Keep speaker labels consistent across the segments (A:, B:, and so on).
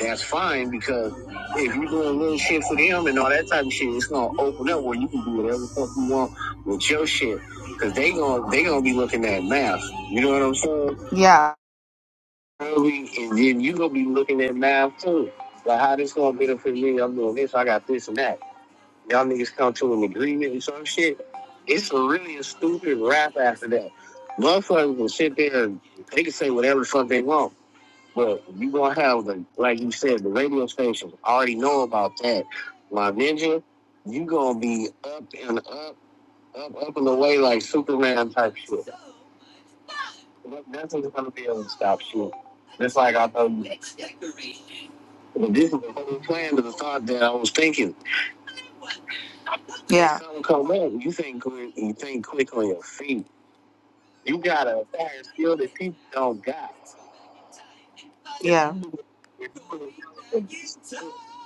A: That's fine because if you're doing little shit for them and all that type of shit, it's gonna open up where you can do whatever the fuck you want with your shit. Cause they gonna they gonna be looking at math. You know what I'm saying? Yeah. And then you gonna be looking at math too. Like how this gonna benefit me? I'm doing this. I got this and that. Y'all niggas come to an agreement and some shit. It's really a stupid rap after that. Motherfuckers will sit there and they can say whatever the fuck they want but you gonna have the like you said, the radio stations already know about that. My ninja, you gonna be up and up, up, up and away like Superman type shit. Nothing's gonna be able to stop you. Just like I know this is the whole plan to the thought that I was thinking. Yeah. something come up, you think quick you think quick on your feet. You got a fire skill that people don't got. Yeah.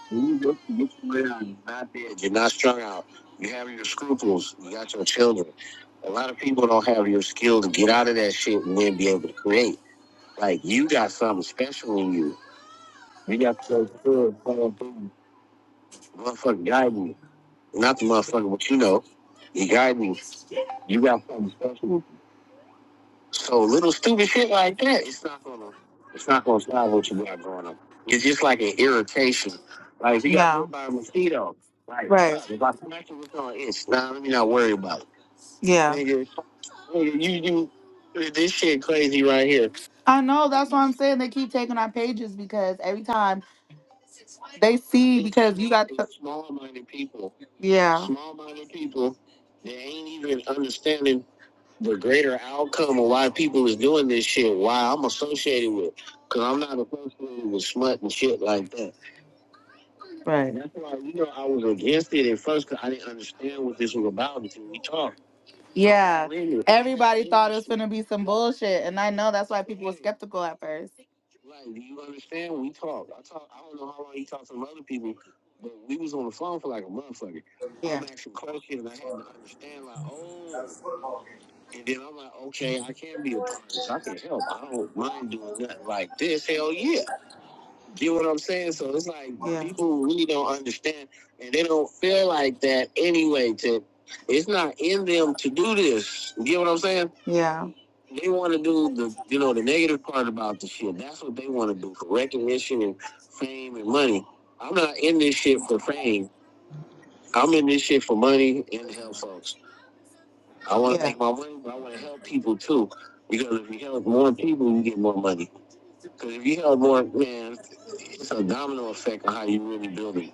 A: You look, look around. you not dead. You're not strung out. You have your scruples. You got your children. A lot of people don't have your skill to get out of that shit and then be able to create. Like you got something special in you. You got your good motherfucking motherfucking guiding. Not the motherfucker, but you know, He you me. You got something special. So little stupid shit like that, it's not gonna, it's not gonna stop what you got going on. It's just like an irritation. Like if you got Yeah. hit by a mosquito, like Right. if I smack it with an itch, nah, let me not worry about it. Yeah. Nigga, nigga, you you this shit crazy right here. I know. That's why I'm saying they keep taking our pages because every time they see because you got making the small minded people, yeah small minded people that ain't even understanding the greater outcome of why people is doing this shit, why I'm associated with, because I'm not associated with smut and shit like that. Right. That's why you know I was against it at first because I didn't understand what this was about until we talked. Yeah. Everybody thought it was gonna be some bullshit, and I know that's why people were skeptical at first. Like, do you understand? when We talked. I talk. I don't know how long you talked to some other people, but we was on the phone for like a motherfucker. Yeah. I'm asking questions, and I had to understand. Like, oh. And then I'm like, okay, I can be a part of this. I can help. I don't mind doing nothing like this. Hell yeah. Get what I'm saying? So it's like Yeah. people really don't understand and they don't feel like that anyway. To it's not in them to do this. get what I'm saying? Yeah. They want to do the you know the negative part about the shit. That's what they want to do for recognition and fame and money. I'm not in this shit for fame. I'm in this shit for money and to help folks. I want to Yeah. make my money, but I want to help people too. Because if you help more people, you get more money. Because if you help more, man, it's a domino effect on how you really build a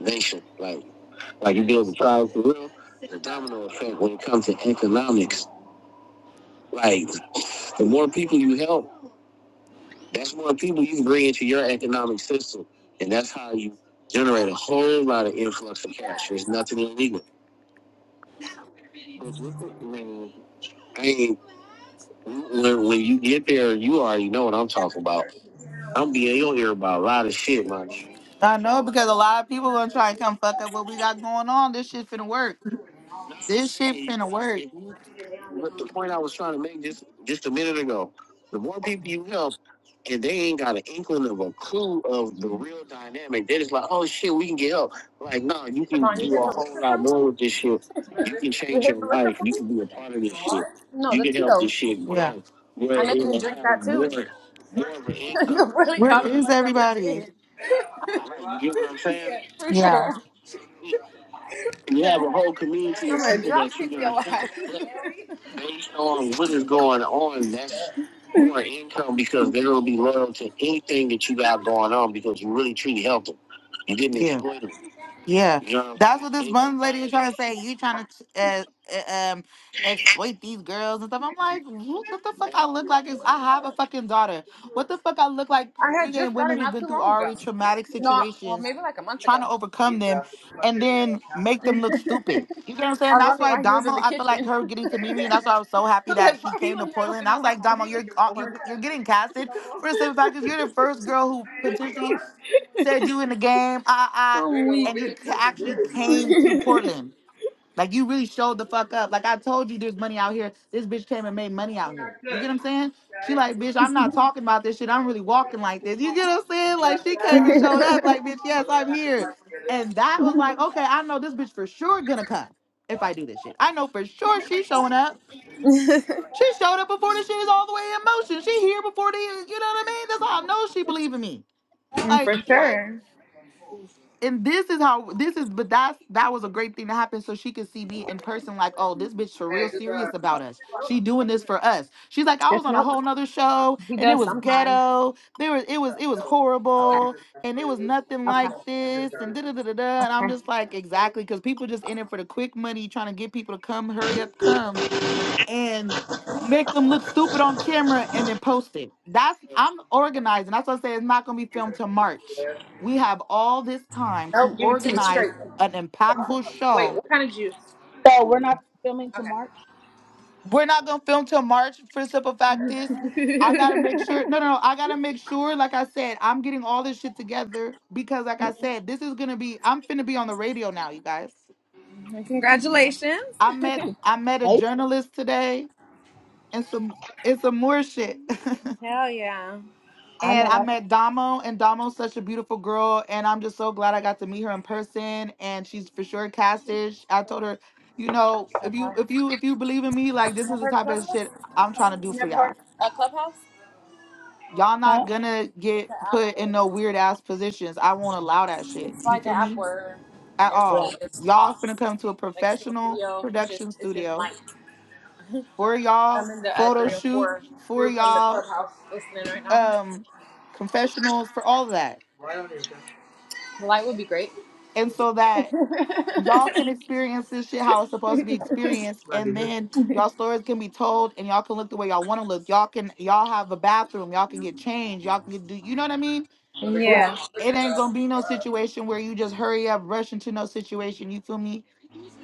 A: nation. Like, like you build a tribe for real. The domino effect when it comes to economics. Like, the more people you help, that's more people you can bring into your economic system, and that's how you generate a whole lot of influx of cash. There's nothing illegal. But with it, I mean, I ain't when, when you get there, you already know what I'm talking about. I'm being your ear about a lot of shit, my nigga. I know because a lot of people gonna try and come fuck up what we got going on. This shit finna work. This shit It- finna work. it- What the point I was trying to make just just a minute ago, the more people you help, and they ain't got an inkling of a clue of the real dynamic, they're just like, oh shit, we can get help. Like, no, you
B: Come
A: can
B: on, you
A: do
B: hit
A: a
B: the
A: whole
B: liquor for
A: lot
B: me?
A: more with this shit. You can
B: You
A: change
B: hit
A: your
B: the liquor
A: life.
B: for
A: You
B: me?
A: can be a part of this shit.
B: No,
A: You
B: the
A: can help this
B: Tito.
A: shit grow. Yeah. Where
B: I know you didn't
A: it'll
B: drink
A: have
B: that too.
A: more, more of an income.
B: you really
A: Where
B: got me
A: is
B: fucked up in
A: everybody?
B: bed.
A: Like, you get what I'm saying?
B: yeah, for
A: Yeah
B: sure.
A: you have
B: The-
A: a whole community
B: I'm
A: of
B: gonna
A: people
B: drop
A: that you're
B: kick
A: gonna
B: your ass.
A: help but based on what is going on. That's more income because they're gonna be loyal to anything that you got going on because you really truly helped them. You didn't Yeah. exploit them. Yeah, You know what I'm that's what this Ain't one lady was trying to say. You trying to uh, uh, um exploit these girls and stuff. I'm like, what what the fuck I look like? Is I have a fucking daughter. What the fuck I look like?
B: I had
A: Bringing in
B: just got it
A: women who've
B: not
A: been
B: too
A: through
B: long ago.
A: already traumatic
B: No, well,
A: situations,
B: maybe like a month
A: trying
B: ago.
A: to overcome them and then make
B: I
A: them look stupid. You get what I'm saying?
B: was
A: That's
B: wondering
A: why
B: why he was
A: Damo,
B: in the
A: I feel like
B: kitchen.
A: her getting to meet me, and that's why I was so happy
B: I'm
A: that
B: like, why
A: she
B: are
A: came
B: you
A: to
B: in there
A: Portland.
B: looking
A: I was
B: around?
A: like,
B: What are
A: Damo,
B: you
A: you're
B: looking
A: uh, you're,
B: for?
A: you're getting casted for a simple fact because you're the first girl who potentially said you in the game, ah ah, and you ca- actually came to Portland. Like you really showed the fuck up. Like I told you, there's money out here. This bitch came and made money out here. You get what I'm saying? She like, bitch, I'm not talking about this shit. I'm really walking like this. You get what I'm saying? Like she came
B: I'm
A: and showed
B: weak.
A: up. Like, bitch, yes, I'm here. And that was like, okay, I know this bitch for sure gonna come if I do this shit. I know for sure she's showing up. She showed up before this shit is all the way in motion. She here before the, you know what I mean? That's how I know she believe in me.
B: Mm,
A: Like
B: for
A: what?
B: sure.
A: and this is how this is but that's that was a great thing to happen so she could see me in person like oh this bitch for real serious about us she doing this for us she's like i was
B: Just
A: on a
B: milk.
A: whole nother show
B: He
A: and it
B: does
A: was
B: sometimes.
A: ghetto there was it was it was
B: Okay.
A: horrible and it was nothing like
B: Okay.
A: this and da da da da da and i'm
B: Okay.
A: just like exactly because people just in it for the quick money trying to get people to come hurry up come and make them look stupid on camera and then post it. That's I'm organizing. That's why I say it's not gonna be filmed till March. We have all this time
B: Nope,
A: to
B: give it to me
A: organize
B: straight.
A: an impactful
B: Wait,
A: show.
B: what kind of juice?
C: So we're not filming to
B: Okay.
C: March.
A: We're not gonna film till March for the simple fact is I gotta make sure no no no I gotta make sure, like I said, I'm getting all this shit together because like
C: Late.
A: I said, this is gonna be I'm finna be on the radio now, you guys.
B: Congratulations.
A: I met I met a journalist today and some and some more shit.
B: Hell yeah.
C: I
A: and
C: know
A: I
C: that's
A: met Damo, and Damo's such a beautiful girl, and I'm just so glad I got to meet her in person. And she's for sure casted. I told her, you know, if you
B: Clubhouse.
A: if you if you believe in me, like
B: You
A: this is
B: never
A: the
B: heard of
A: type of
B: Clubhouse?
A: shit I'm trying to do
B: You
A: for
B: never heard of
A: y'all.
B: uh, Clubhouse? Oh,
A: Y'all
C: huh?
A: not gonna
B: it's
A: get
B: an app
A: put in
B: where
A: no weird ass positions. I won't allow that shit.
B: it's
A: You
B: like an
A: feel
B: app
A: me?
B: where
A: At
C: Yeah.
A: all.
B: everybody just
A: Y'all
B: talks.
A: finna come to a
B: Like it's no
A: professional
B: video. It's just
A: production
B: it's just
A: studio
B: mic.
A: for
B: I'm
A: y'all
B: in the uh,
A: photo
B: three or
A: shoot,
B: four
A: for
B: group on the
A: y'all
B: Clubhouse listening right now.
A: um confessionals, for all that
B: Light would be great.
A: and so that y'all can experience this shit how it's supposed to be experienced and then y'all stories can be told and y'all can look the way y'all want to look y'all can y'all have a bathroom y'all can get changed y'all can get do you know what i mean
C: Right.
B: Yeah.
A: it ain't gonna be no situation where you just hurry up rush into no situation you feel me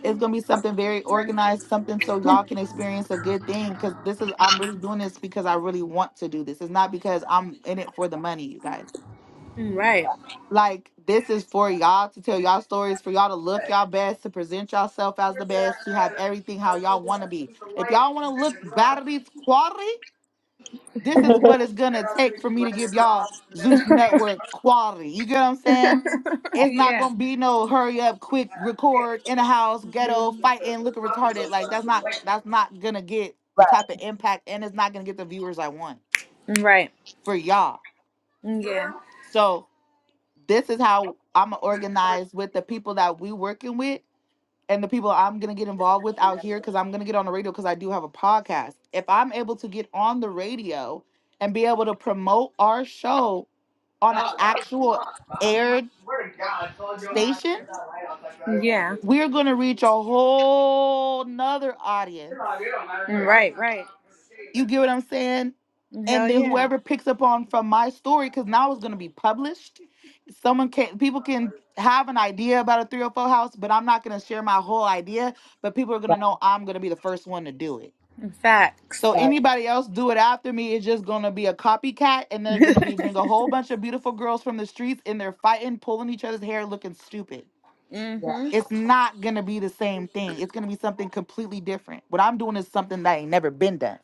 A: it's gonna be something very organized something so y'all can experience a good thing because this is i'm really doing this because i really want to do this it's not because i'm in it for the money you guys
B: Right.
A: like this is for y'all to tell y'all stories, for y'all to look y'all best, to present yourself as the best, to have everything how y'all want to be. If y'all want to look batteries quality, this is
C: right.
A: what it's gonna take for me to give y'all Zeus Network quality. You get what I'm saying? It's not
B: Yeah.
A: gonna be no hurry up, quick record in a house, ghetto, fighting, looking retarded. Like that's not that's not gonna get the
C: Right.
A: type of impact, and it's not gonna get the viewers I want
B: Right.
A: for y'all.
B: Yeah. No,
A: So this is how I'm organized with the people that we working with and the people I'm gonna get involved with out here because I'm gonna get on the radio because I do have a podcast. If I'm able to get on the radio and be able to promote our show on an
B: that was a
A: actual
B: lot. But I, I
A: aired
B: swear to God, I told you I had to
A: station,
B: put that light out. Like, right? Yeah.
A: we're gonna reach a whole nother
B: You're like,
A: audience
B: you don't matter. Right. Right.
A: You get what I'm saying?
B: Hell
A: And then
B: yeah.
A: whoever picks up on from my story, because now it's gonna be published. Someone can people can have an idea about a 304 house, but I'm not gonna share my whole idea. But people are gonna know I'm gonna be the first one to do it.
B: Facts.
A: So
C: Right.
A: anybody else do it after me is just gonna be a copycat, and they're gonna be bring a whole bunch of beautiful girls from the streets, and they're fighting, pulling each other's hair, looking stupid.
C: Yeah.
B: mhm.
A: It's not gonna be the same thing. It's gonna be something completely different. What I'm doing is something that ain't never been done.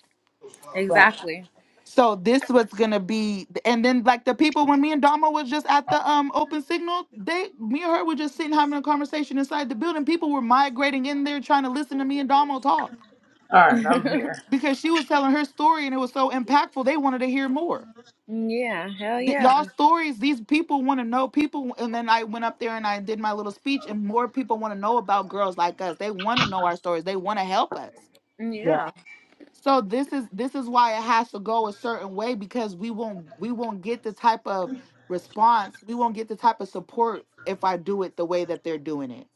C: Right.
B: Exactly.
A: So this was gonna be, and then like the people when me and Dama was just at the um open signal, they me and her were just sitting having a conversation inside the building. People were migrating in there trying to listen to me and Dama talk
D: All right, I'm here.
A: because she was telling her story and it was so impactful. They wanted to hear more.
B: yeah. Hell
A: Th-
B: yeah.
A: Y'all stories, these people want to know people. And then I went up there and I did my little speech, and more people want to know about girls like us. They want to know our stories. They want to help us.
C: Yeah.
B: Yeah.
A: So this is this is why it has to go a certain way because we won't we won't get the type of response, we won't get the type of support if I do it the way that they're doing it.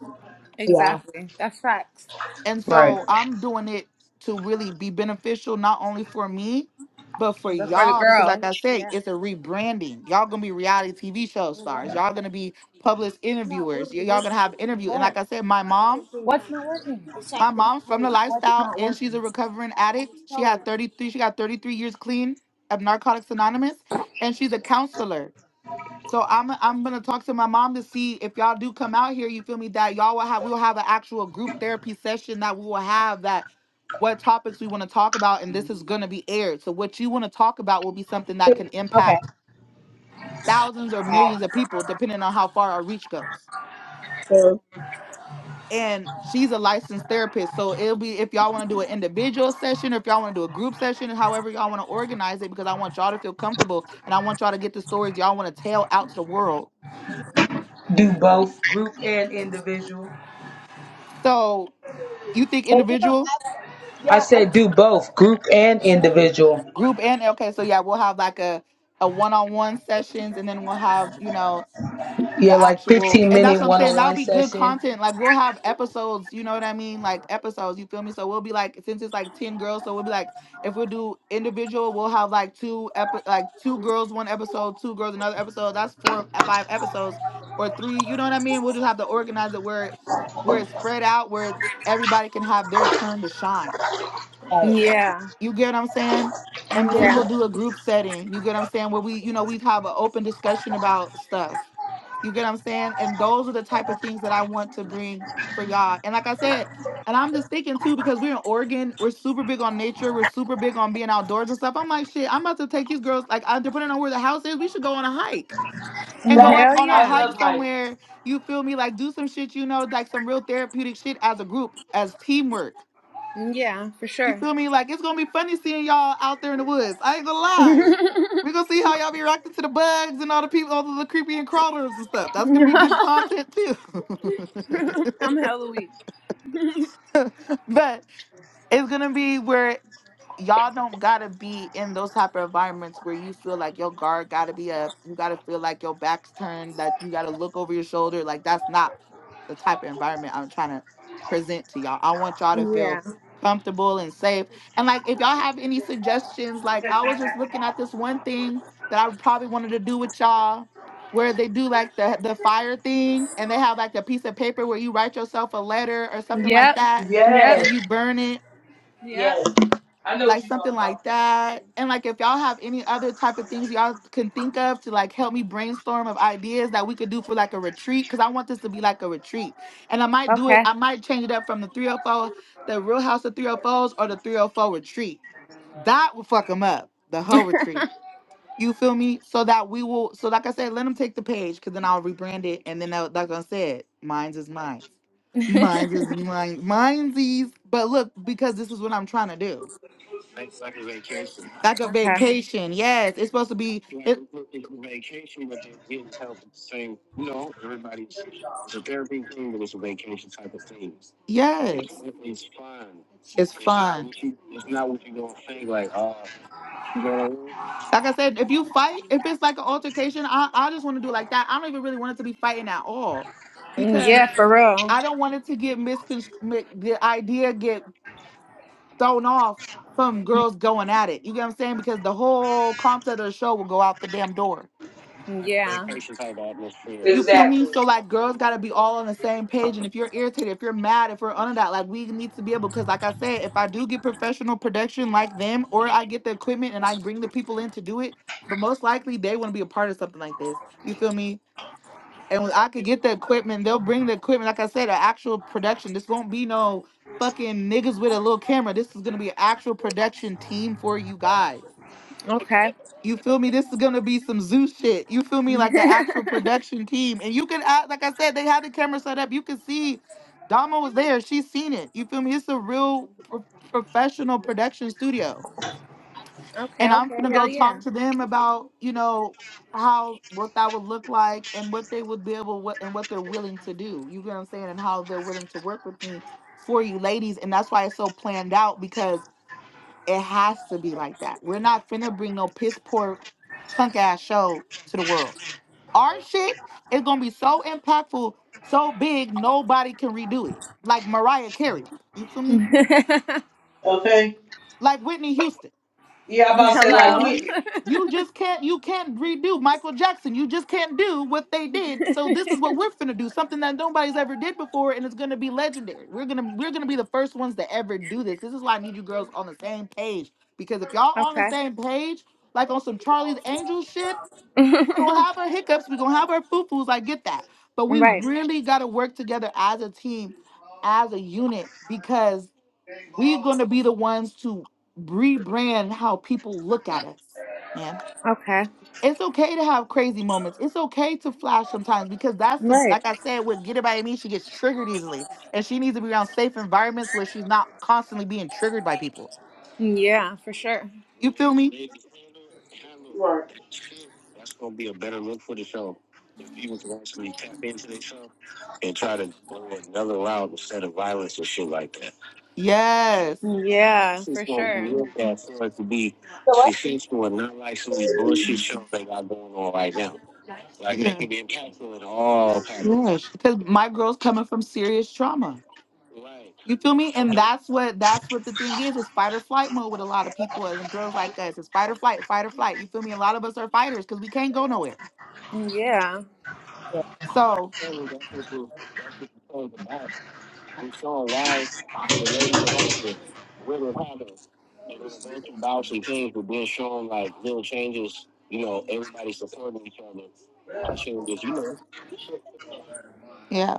C: Yeah.
B: Exactly. That's facts.
A: And
D: Right.
A: so I'm doing it to really be beneficial not only for me, but for
B: But for the
A: y'all because
B: girl.
A: like I say,
B: Yeah.
A: it's a rebranding. Y'all going to be reality TV show
B: Well, What?
A: stars. Y'all going to be published
B: not
A: interviewers.
B: really
A: Y- Y'all going to
B: working.
A: have interview. And
B: What?
A: like I said, my mom
B: What's not working? It's like
A: My
B: the
A: mom's from
B: butter.
A: the
B: What's
A: lifestyle
B: not
A: and she's a
B: working?
A: recovering addict. She had 33, she got 33 years clean of Narcotics Anonymous and she's a counselor. So I'm I'm gonna talk to my mom to see if y'all do come out here, you feel me, that y'all will have we'll have an actual group therapy session that we will have that what topics we want to talk about and this is gonna be aired. So what you want to talk about will be something
C: See,
A: that
C: okay.
A: can
C: My
A: impact thousands or
C: bad.
A: millions of people depending on how far our reach goes.
C: So,
A: and she's a licensed therapist. So it'll be if y'all want to do an individual session or if y'all want to do a group session, however y'all want to organize it, because I want y'all to feel comfortable and I want y'all to get the stories y'all want to tell out to the world.
D: Do both group and individual.
A: So you think
C: but you know,
A: individual,
C: I,
D: I
C: yeah, I
D: said
C: can
D: do both group and individual.
A: group, and okay, so yeah, we'll have like a a one on one sessions, and then we'll have you know
D: Yeah,
A: the
D: like
A: actual
D: 15
A: and that's
D: minute
A: what I'm
D: one
A: saying.
D: on
A: That'll
D: one
A: be good
D: session.
A: content. Like we'll have episodes, you know what I mean? Like episodes, you feel me? So we'll be like since it's like 10 girls, so we'll be like if we do individual, we'll have like two epi- like two girls one episode, two girls another episode. That's four or five episodes or three, you know what I mean? We'll just have to organize it where where it's spread out where everybody can have their turn to shine.
C: like.
B: Yeah.
A: You get what I'm saying? And then
B: Yeah.
A: we'll do a group setting. You get what I'm saying? Where we, you know, we have an open discussion about stuff. You get what I'm saying? And those are the type of things that I want to bring for y'all. And like I said, and I'm just thinking too, because we're in Oregon, we're super big on nature, we're super big on being outdoors and stuff. I'm like, shit, I'm about to take these girls, like, uh, depending on where the house is, we should go on a hike and go up
B: Hell
D: Yes,
A: on a
D: I
B: yeah.
A: hike
D: love hype.
A: somewhere. You feel me? Like, do some shit, you know, like some real therapeutic shit as a group, as teamwork.
B: Yeah, for
A: You
B: sure.
A: feel me? Like it's gonna be funny seeing y'all out there in the woods. I ain't gonna lie. We're gonna see how y'all be reacting to the bugs and all the people, all the creepy and crawlers and stuff. That's
B: I'm
A: gonna be good content too.
B: hella weak.
A: but it's gonna be where y'all don't gotta be in those type of environments where you feel like your guard gotta be up. You gotta feel like your back's turned. That you gotta look over your shoulder. Like that's not the type of environment I'm trying to present to y'all. I want y'all to feel
B: Yeah.
A: comfortable and safe. And like if y'all have any suggestions, like I was just looking at this one thing that I probably wanted to do with y'all where they do like the the fire thing and they have like a piece of paper where you write yourself a letter or something like Mhm.
B: Yep.
A: that and
B: Yep.
A: then
D: Yes,
A: you burn it
B: Yep.
D: yes. I know what
A: like
D: you're
A: something
D: talking about.
A: like that. And like if y'all have any other type of things y'all can think of to like help me brainstorm of ideas that we could do for like a retreat, because I want this to be like a retreat. And I might do it,
B: Okay.
A: I might change it up from the 304, the real house of 304s or the 304 retreat. That would fuck them up, the whole retreat. You feel me? So that we will, so like I said, let them take the page because then I'll rebrand it. And then, they'll- like I said, mine's is mine. Mine's is mine. Mine's is, but look, because this is what I'm trying to do. Like, like a vacation. Like a
B: okay.
A: vacation. Yes. It's supposed to be Yeah, it, it's it's a vacation, but they're getting help at the same. You know, everybody's it's a therapy thing, but it's a vacation type of thing. It's yes. it's fun. It's It's not fun. what you. It's not what you're gonna think. Like, uh, you know what I mean? Like I said, if you fight, if it's like an altercation, I, I just want to do it like that. I don't even really want it to be fighting at all because
B: Yeah, for real.
A: I don't want it to get misconstrued. The idea get thrown off from
C: Mhm.
A: girls going at it. You get what I'm saying? Because the whole concept of the show will go out the damn door. Like a
B: Yeah.
A: vacation type atmosphere. You feel me?
D: Exactly.
A: So like girls gotta be all on the same page. And if you're irritated, if you're mad, if we're under that, like we need to be able because like I said, if I do get professional production like them, or I get the equipment and I bring the people in to do it, but most likely they wanna be a part of something like this. You feel me? and I could get the equipment. They'll bring the equipment. Like I said, an actual production. This won't be no fucking niggas with a little camera. This is gonna be an actual production team for you guys.
B: Okay.
A: You feel me? This is gonna be some zoo shit. You feel me? Like an actual production team. And you can act like I said, they had the camera set up. You can see Dama was there. She's seen it. You feel me? It's a real pro- professional production studio
B: okay,
A: and I'm
B: okay.
A: gonna
B: Hell
A: go
B: yeah.
A: talk to them about you know how what that would look like and what they would be able what and what they're willing to do. You get what I'm saying, and how they're willing to work with me for you ladies, and that's why it's so planned out because it has to be like that. We're not finna bring no piss poor punk ass show to the world. Our shit is gonna be so impactful, so big nobody can redo it. Like Mariah Carey, you feel me?
D: Okay.
A: Like Whitney Houston.
D: Yeah, I'm about to say
A: You
D: like
A: feel
B: Hello.
A: me?
D: Whitney.
A: You just can't you can't redo Michael Jackson. You just can't do what they did. So this is what we're gonna do, something that nobody's ever did before, and it's gonna be legendary. We're gonna we're gonna be the first ones to ever do this. This is why I need you girls on the same page. Because if y'all on the
B: okay.
A: same page, like on some Charlie's Angels shit, we're gonna have our hiccups, we're gonna have our foo-foos. I get that. But we
B: right.
A: really gotta work together as a team, as a unit, because. We're going to be the ones to rebrand how people look at us, man.
B: Okay.
A: It's okay to have crazy moments. It's okay to flash sometimes because that's the,
B: Right.
A: like I said, with Get It By Me, she gets triggered easily. And she needs to be around safe environments where she's not constantly being triggered by people.
B: Yeah, for sure.
A: You feel me?
D: Right.
A: That's gonna be a better look for the show. If people can actually tap into their show and try to go another route instead of violence and shit like that. Yes.
B: Yeah,
A: This is
B: for
A: gonna be
B: sure.
A: real bad for it to be
C: So what?
A: successful and not like some of these bullshit shows they got going on right now. Like they can be impactful in all patterns. Yes, because my girl's coming from serious trauma. Right. You feel me? And that's what that's what the thing is. It's fight or flight mode with a lot of people and girls like us. It's fight or flight, fight or flight. You feel me? A lot of us are fighters because we can't go nowhere. Right.
B: Yeah.
C: Yeah.
A: So I'm showing why the ladies are right here. Women haven't. They're gonna go through bouts and things but being shown like little changes, you know, everybody supporting each other on the changes, you know. Yeah.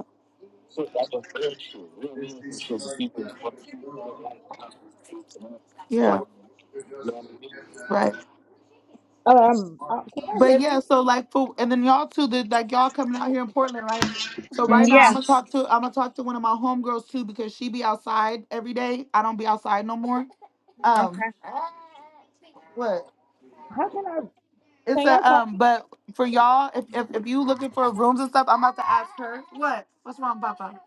A: shit, that's a real shit, real meaningful shit that people. Yeah. You know what I mean? Right.
C: Um. Uh, can y'all
A: But
C: hear me?
A: yeah, so like for and then y'all too, the, like y'all coming out here in Portland, right? So right now
B: Yeah.
A: I'm gonna talk to I'm gonna talk to one of my homegirls too because she be outside every day. I don't be outside no more. Um,
B: Okay.
A: what?
C: How can I?
A: It's
C: Can y'all
A: a
C: call
A: um,
C: me?
A: but for y'all, if if, if you looking for rooms and stuff, I'm about to ask her. What? What's wrong, Papa?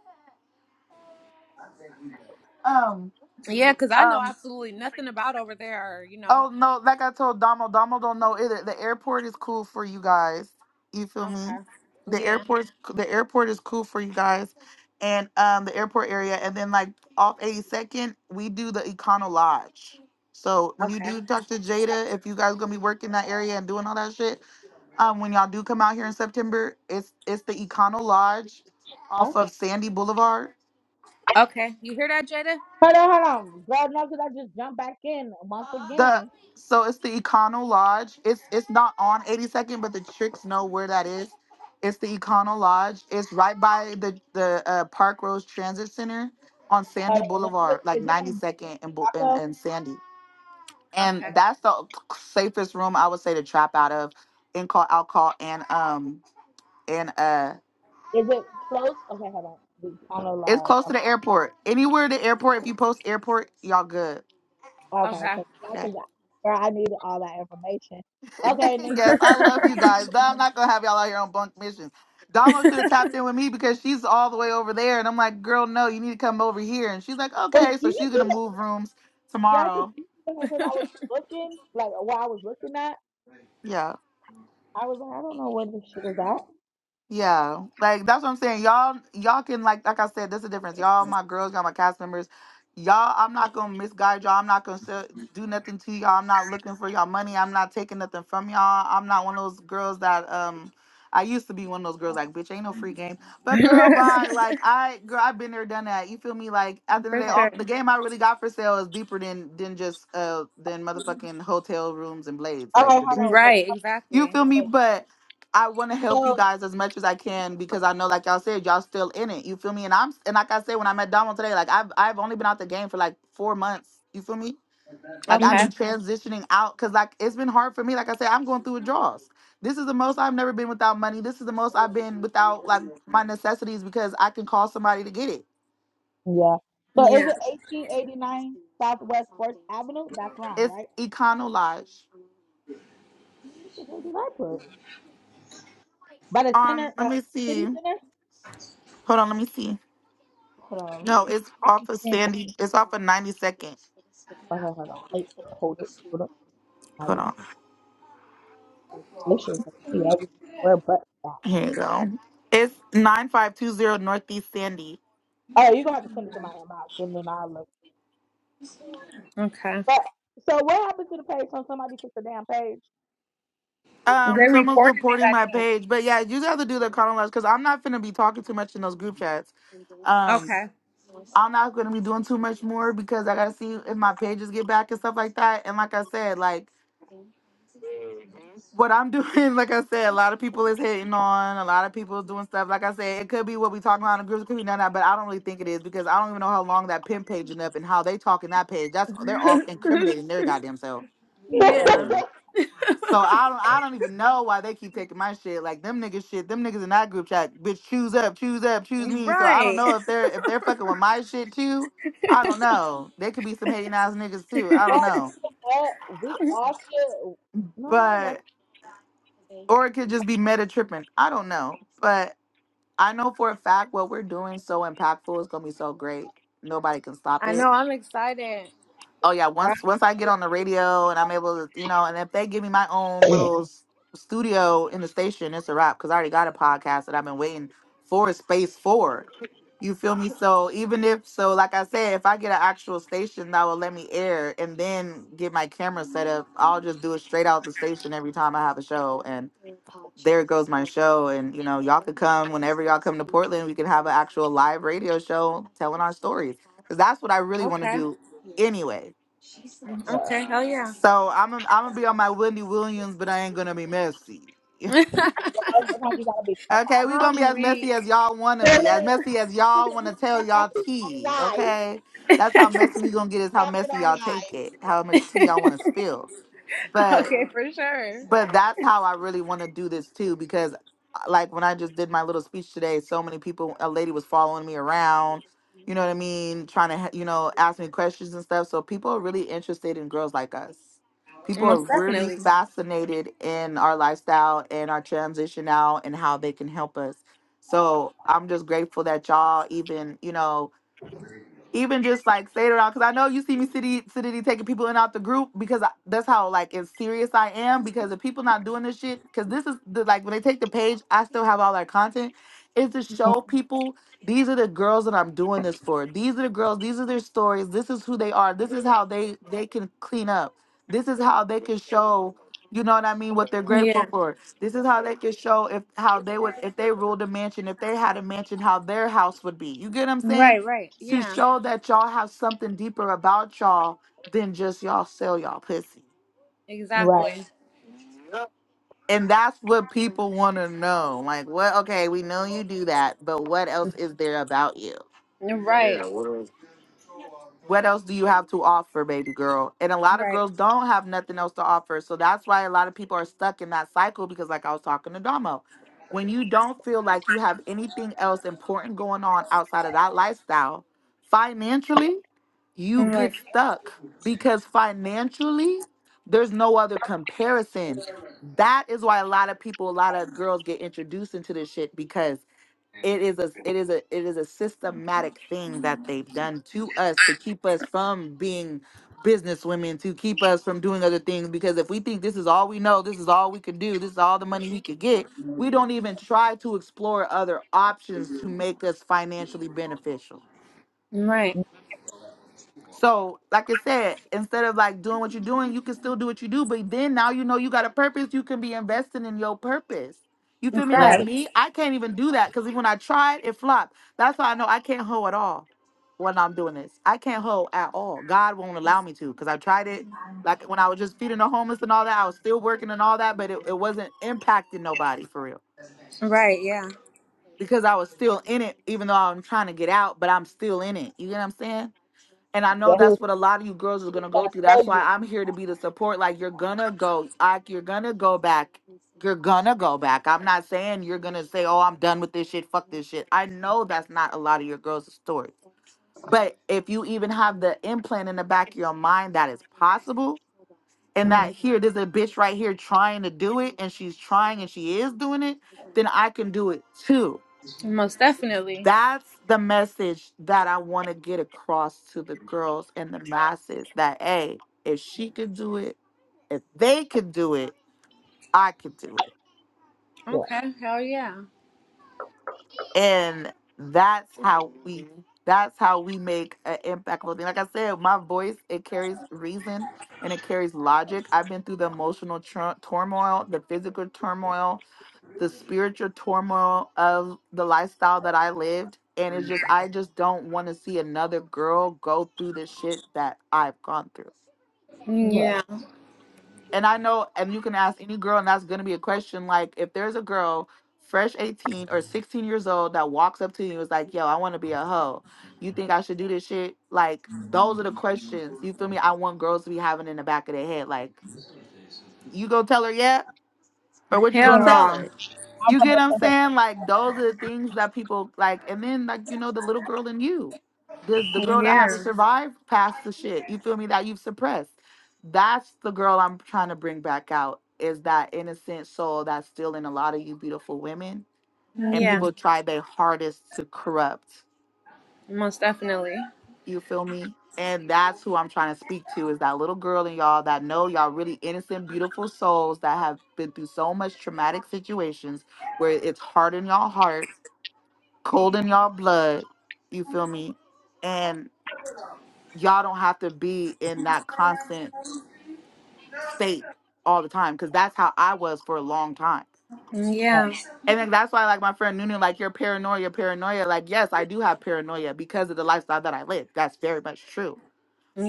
A: Um,
B: Yeah, because I know
A: um.
B: absolutely nothing about over there, or, you know.
A: Oh no, like I told Domo, Domo don't know either. The airport is cool for you guys. You feel
B: Okay.
A: me? The
B: Yeah.
A: airport, the airport is cool for you guys. And um the airport area and then like off 82nd, we do the Econo Lodge. So when you
B: Okay.
A: do talk to Jada, if you guys gonna be working that area and doing all that shit, um when y'all do come out here in September, it's it's the Econo Lodge
C: Huh?
A: off of Sandy Boulevard
B: Okay. You hear that, Jada?
C: Hold on. Hold on. Girl, no, because I just jumped back in once
A: The
C: again.
A: so it's the Econo Lodge. It's it's not on 82nd, but the tricks know where that is. It's the Econo Lodge. It's right by the the uh, Park Rose Transit Center on
C: Hold
A: Sandy
C: on. Let me look.
A: Boulevard, like
C: Is it on Bluetooth?
A: 92nd and Bou- and,
C: Hold
A: and Sandy. And
B: Okay.
C: on.
A: that's the safest room I would say to trap out of in call alcohol and um and uh
C: Is it close? Okay. Hold on. We- I know
A: it's close
C: live.
A: to the airport. Anywhere the airport, if you post airport, y'all good.
C: Okay,
B: Okay.
C: because I could, girl, I needed all that information. Okay, now you
A: yes,
C: gotta
A: I
C: let me.
A: love you guys. I'm not gonna have y'all out here on bunk missions. Damo should have tapped in with me because she's all the way over there, and I'm like, girl, no, you need to come over here. And she's like,
C: But
A: okay,
C: do
A: so
C: you
A: she's
C: see
A: gonna
C: that?
A: move rooms
C: Yeah, because
A: tomorrow.
C: you see that because I was looking, like while I was looking at,
A: Yeah.
C: I was like, I don't know where this shit is at.
A: Yeah, like that's what I'm saying. Y'all, y'all can like, like I said, that's the difference. Y'all, my girls, y'all, my cast members. Y'all, I'm not gonna misguide y'all. I'm not gonna sell- do nothing to y'all. I'm not looking for y'all money. I'm not taking nothing from y'all. I'm not one of those girls that um. I used to be one of those girls like, bitch, ain't no free game. But girl, bye. Like I, girl, I've been there, done that. You feel me? Like at the end of
B: for
A: the day,
C: Oh,
A: all
B: sure.
A: the game I really got for sale is deeper than than just uh than motherfucking hotel rooms and blades. Like
C: okay, hold
A: the
C: on, wait,
B: Right,
A: you
B: exactly.
A: feel
C: hold on,
A: me?
C: wait.
A: But I want to help you
C: So,
A: guys as much as I can because I know, like y'all said, y'all still in it. You feel me? And I'm and like I said when I met Donald today, like I've I've only been out the game for like four months. You feel me? Like I've
B: Okay.
A: been
C: Mhm.
A: transitioning out because like it's been hard for me. Like I said, I'm going through withdrawals. This is the most I've never been without money. This is the most I've been without like my necessities because I can call somebody to get it.
C: yeah. So is
B: Yeah.
C: it 1889 Southwest Fourth Avenue? That's wrong,
A: It's
C: right?
A: Econolodge.
C: What the hell did I put? By the
A: Um,
C: center,
A: let
C: uh,
A: me see.
C: city center.
A: Hold on, let me see.
C: Hold on,
A: No,
C: let me.
A: it's
C: I can
A: off of
C: screenshot it.
A: Sandy. It's off of 92nd.
C: Okay, hold on, wait, hold up, hold up.
A: Hold on.
C: This shit can be everywhere but that.
A: Here you go. It's 9520 Northeast Sandy.
C: Oh, you're gonna have to send it to my inbox and then I'll look.
B: Okay.
C: But so what happened to the page when somebody took the damn page?
B: They
A: Um, someone's
B: reported it,
A: reporting
B: I
A: my
B: think.
A: page. But yeah, you guys to do the chronology because I'm not going to be talking too much in those group chats. Um,
B: Okay.
A: I'm not going to be doing too much more because I got to see if my pages get back and stuff like that. And like I said, like what I'm doing, like I said, a lot of people is hitting on, a lot of people is doing stuff. Like I said, it could be what we talking about in the groups, it could be none of that, but I don't really think it is because I don't even know how long that pimp paging up and how they talking that page. That's they're all incriminating their goddamn self.
C: or
B: yeah.
A: Literally. So I don't I don't even know why they keep taking my shit. Like them niggas shit, them niggas in that group chat, bitch, choose up, choose up, choose me. So I don't
B: Right.
A: know if they're if they're fucking with my shit too. I don't know. They could be some hating ass niggas too. I don't
C: you
A: know.
C: know what? We all should no, that's
A: But or it could just be meta tripping. I don't know. But I know for a fact what we're doing is so impactful. It's gonna be so great. Nobody can stop
B: I
A: it.
B: know, I'm excited.
A: oh yeah,
C: right.
A: once once I get on the radio and I'm able to, you know, and if they give me my own little s- studio in the station, it's a wrap because I already got a podcast that I've been waiting for a space for. You feel me? So even if so, like I said, if I get an actual station that will let me air and then get my camera set up, I'll just do it straight out the station every time I have a show and there goes my show and you know y'all could come whenever y'all come to portland we can have an actual live radio show telling our stories because that's what i really want to
B: Okay.
A: do anyway
B: Okay, hell yeah.
A: so I'm I'm gonna be on my Wendy Williams, but I ain't gonna be messy.
C: Sometimes you gotta be
A: Okay, we gonna be
B: I'm
A: as
B: weak.
A: messy as y'all wanna be, as
C: sometimes.
A: messy as
C: Really?
A: y'all
C: Listen, we
A: wanna tell
C: got that
A: y'all
C: shit
A: tea.
C: online.
A: Okay, that's how messy we gonna get is how
C: Fuck it
A: messy y'all take
C: online.
A: it, how much tea y'all wanna
B: okay,
A: spill. But
C: Like,
B: for sure.
A: but that's how I really wanna do this too, because uh, like when I just did my little speech today, so many people, a lady was following me around you know what I mean, trying to, ha- you know, ask me questions and stuff. So people are really interested in girls like us. People are
B: Most
C: okay.
A: really
B: definitely.
A: fascinated in our lifestyle and our transition out and how they can help us. So I'm just grateful that y'all even, you know, even just like say it around because I know you see me city city taking people in out the group because I, that's how like as serious I am because if people not doing this shit because this is the like when they take the page I still have all our content is to
C: Mhm.
A: show people these are the girls that I'm doing this for these are the girls these are their stories this is who they are this is how they they can clean up this is how they can show you know what I mean what they're grateful
B: Yeah.
A: for this is how they can show if how they would if they ruled a mansion if they had a mansion how their house would be you get what I'm saying
B: Right, right.
A: to
B: Yeah.
A: show that y'all have something deeper about y'all than just y'all sell y'all pussy.
C: Right.
B: Exactly.
A: And that's what people want to know. Like, what? Okay, we know you do that, but what else is there about you?
B: Right.
A: what else do you have to offer, baby girl? And a lot of
B: Right.
A: girls don't have nothing else to offer. So that's why a lot of people are stuck in that cycle because, like I was talking to Domo, when you don't feel like you have anything else important going on outside of that lifestyle, financially, you get
B: Right.
A: stuck because financially, there's no other comparison. That is why a lot of people, a lot of girls get introduced into this shit because it is a it is a it is a systematic thing that they've done to us to keep us from being business women to keep us from doing other things because if we think this is all we know this is all we could do this is all the money we could get we don't even try to explore other options to make us financially beneficial
B: Right.
C: Mhm.
A: so, like I said, instead of like doing what you're doing, you can still do what you do. But then now you know you got a purpose. You can be investing in your purpose. You
B: In
A: feel me? Like
C: Right.
B: fact.
A: me, I can't even do that because when I tried, it flopped. That's why I know I can't hoe at all when I'm doing this. I can't hoe at all. God won't allow me to because I tried it. Like when I was just feeding the homeless and all that, I was still working and all that, but it, it wasn't impacting nobody for real
B: Right, yeah.
A: because I was still in it, even though I'm trying to get out, but I'm still in it. You get what I'm saying? And I
C: Yeah,
A: know
C: he was,
A: that's what a lot of you girls are
C: he was
A: gonna
C: trying
A: go
C: to
A: through.
C: tell
A: That's
C: you.
A: why I'm here to be the support. Like you're gonna go, like you're gonna go back. You're gonna go back. I'm not saying you're gonna say, "Oh, I'm done with this shit. Fuck this shit." I know that's not a lot of your girls' story. But if you even have the implant in the back of your mind that is possible, and
C: hmm
A: that here, there's a bitch right here trying to do it, and she's trying and she is doing it, then I can do it too.
B: Most definitely.
A: That's the message that I want to get across to the girls and the masses that, hey, if she could do it, if they could do it, I could do it.
C: Yeah.
B: Okay, hell yeah.
A: And that's how we that's how we make an impactful thing. Like I said, my voice it carries reason and it carries logic. I've been through the emotional tru- turmoil, the physical turmoil, the spiritual turmoil of the lifestyle that I lived. And it's just, I just don't want to see another girl go through the shit that I've gone through.
C: Look.
B: Yeah.
A: And I know, and you can ask any girl, and that's going to be a question. Like, if there's a girl, fresh 18 or 16 years old, that walks up to you and is like, yo, I want to be a hoe. You think I should do this shit? Like, those are the questions, you feel me? I want girls to be having in the back of their head. Like, you go tell her, yeah? Or what you
C: I'm
B: Hell
A: gonna
C: gonna
A: tell
B: no.
A: her?
C: I'm
A: You
C: gonna
A: get what I'm
C: tell her.
A: saying? Like those are the things that people like, and then like you know the little girl in you, the the girl that had to
B: Yeah.
A: survive past the shit. You feel me? That you've suppressed. That's the girl I'm trying to bring back out. Is that innocent soul that's still in a lot of you beautiful women, and
B: Yeah.
C: Mhm.
A: people try their hardest to corrupt.
B: Most definitely.
A: You feel me? And that's who I'm trying to speak to is that little girl in y'all that know y'all really innocent, beautiful souls that have been through so much traumatic situations where it's hard in y'all heart, cold in y'all blood. You feel me? And y'all don't have to be in that constant state all the time because that's how I was for a long time.
B: Yeah.
A: And then that's why, like my friend Nunu, like your paranoia, paranoia. Like, yes, I do have paranoia because of the lifestyle that I live. That's very much true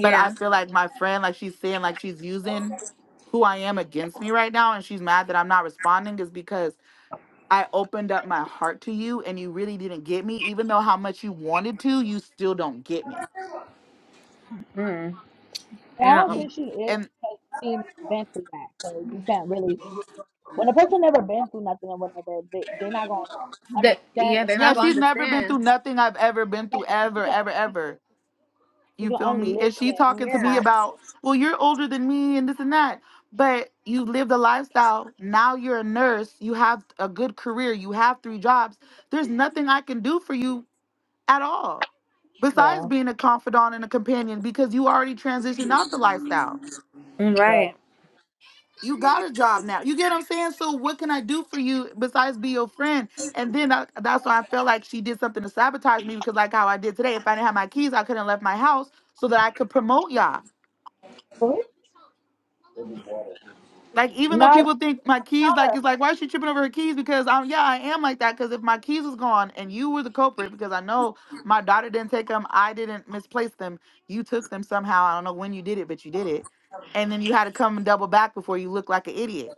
A: but I feel like my friend, like she's saying, like she's using who I am against me right now, and she's mad that I'm not responding, is because I opened up my heart to you and you really didn't get me, even though how much you wanted to, you still don't get me.
B: Mm.
C: And I don't
B: Yeah.
A: You
C: think she is
A: and
C: because she's been through that. So you can't really, when a person never been through nothing or whatever, they they're not gonna
B: That
C: understand. They
B: yeah, they're
C: can
A: yeah,
B: not
C: only
B: gonna
C: listen.
A: she's never been
B: understand.
A: through nothing I've ever been through,
C: So she
A: ever,
C: can
A: ever,
C: only
A: ever.
C: she
A: You
C: can
A: feel
C: only
A: me? And she
C: listen
A: talking to
C: and
A: me
B: Yeah.
C: not.
A: about, well, you're older than me and this and that. But you lived a lifestyle. Now you're a nurse. You have a good career. You have three jobs there's nothing I can do for you at all besides
C: Yeah,
A: being a confidant and a companion because you already transitioned out the lifestyle
C: right.
B: Right.
A: you got a job now you get what i'm saying so what can i do for you besides be your friend and then I, that's why i felt like she did something to sabotage me because like how i did today if i didn't have my keys i couldn't have left my house so that i could promote y'all
C: Mhm.
A: Like even
C: No,
A: though
C: just
A: people think my keys,
C: tell
A: like
C: her.
A: it's like why is she tripping over her keys? Because I'm yeah, I am like that. Because if my keys was gone and you were the culprit, because I know my daughter didn't take them, I didn't misplace them. You took them somehow. I don't know when you did it, but you did it. And then you had to come and double back before you looked like an idiot.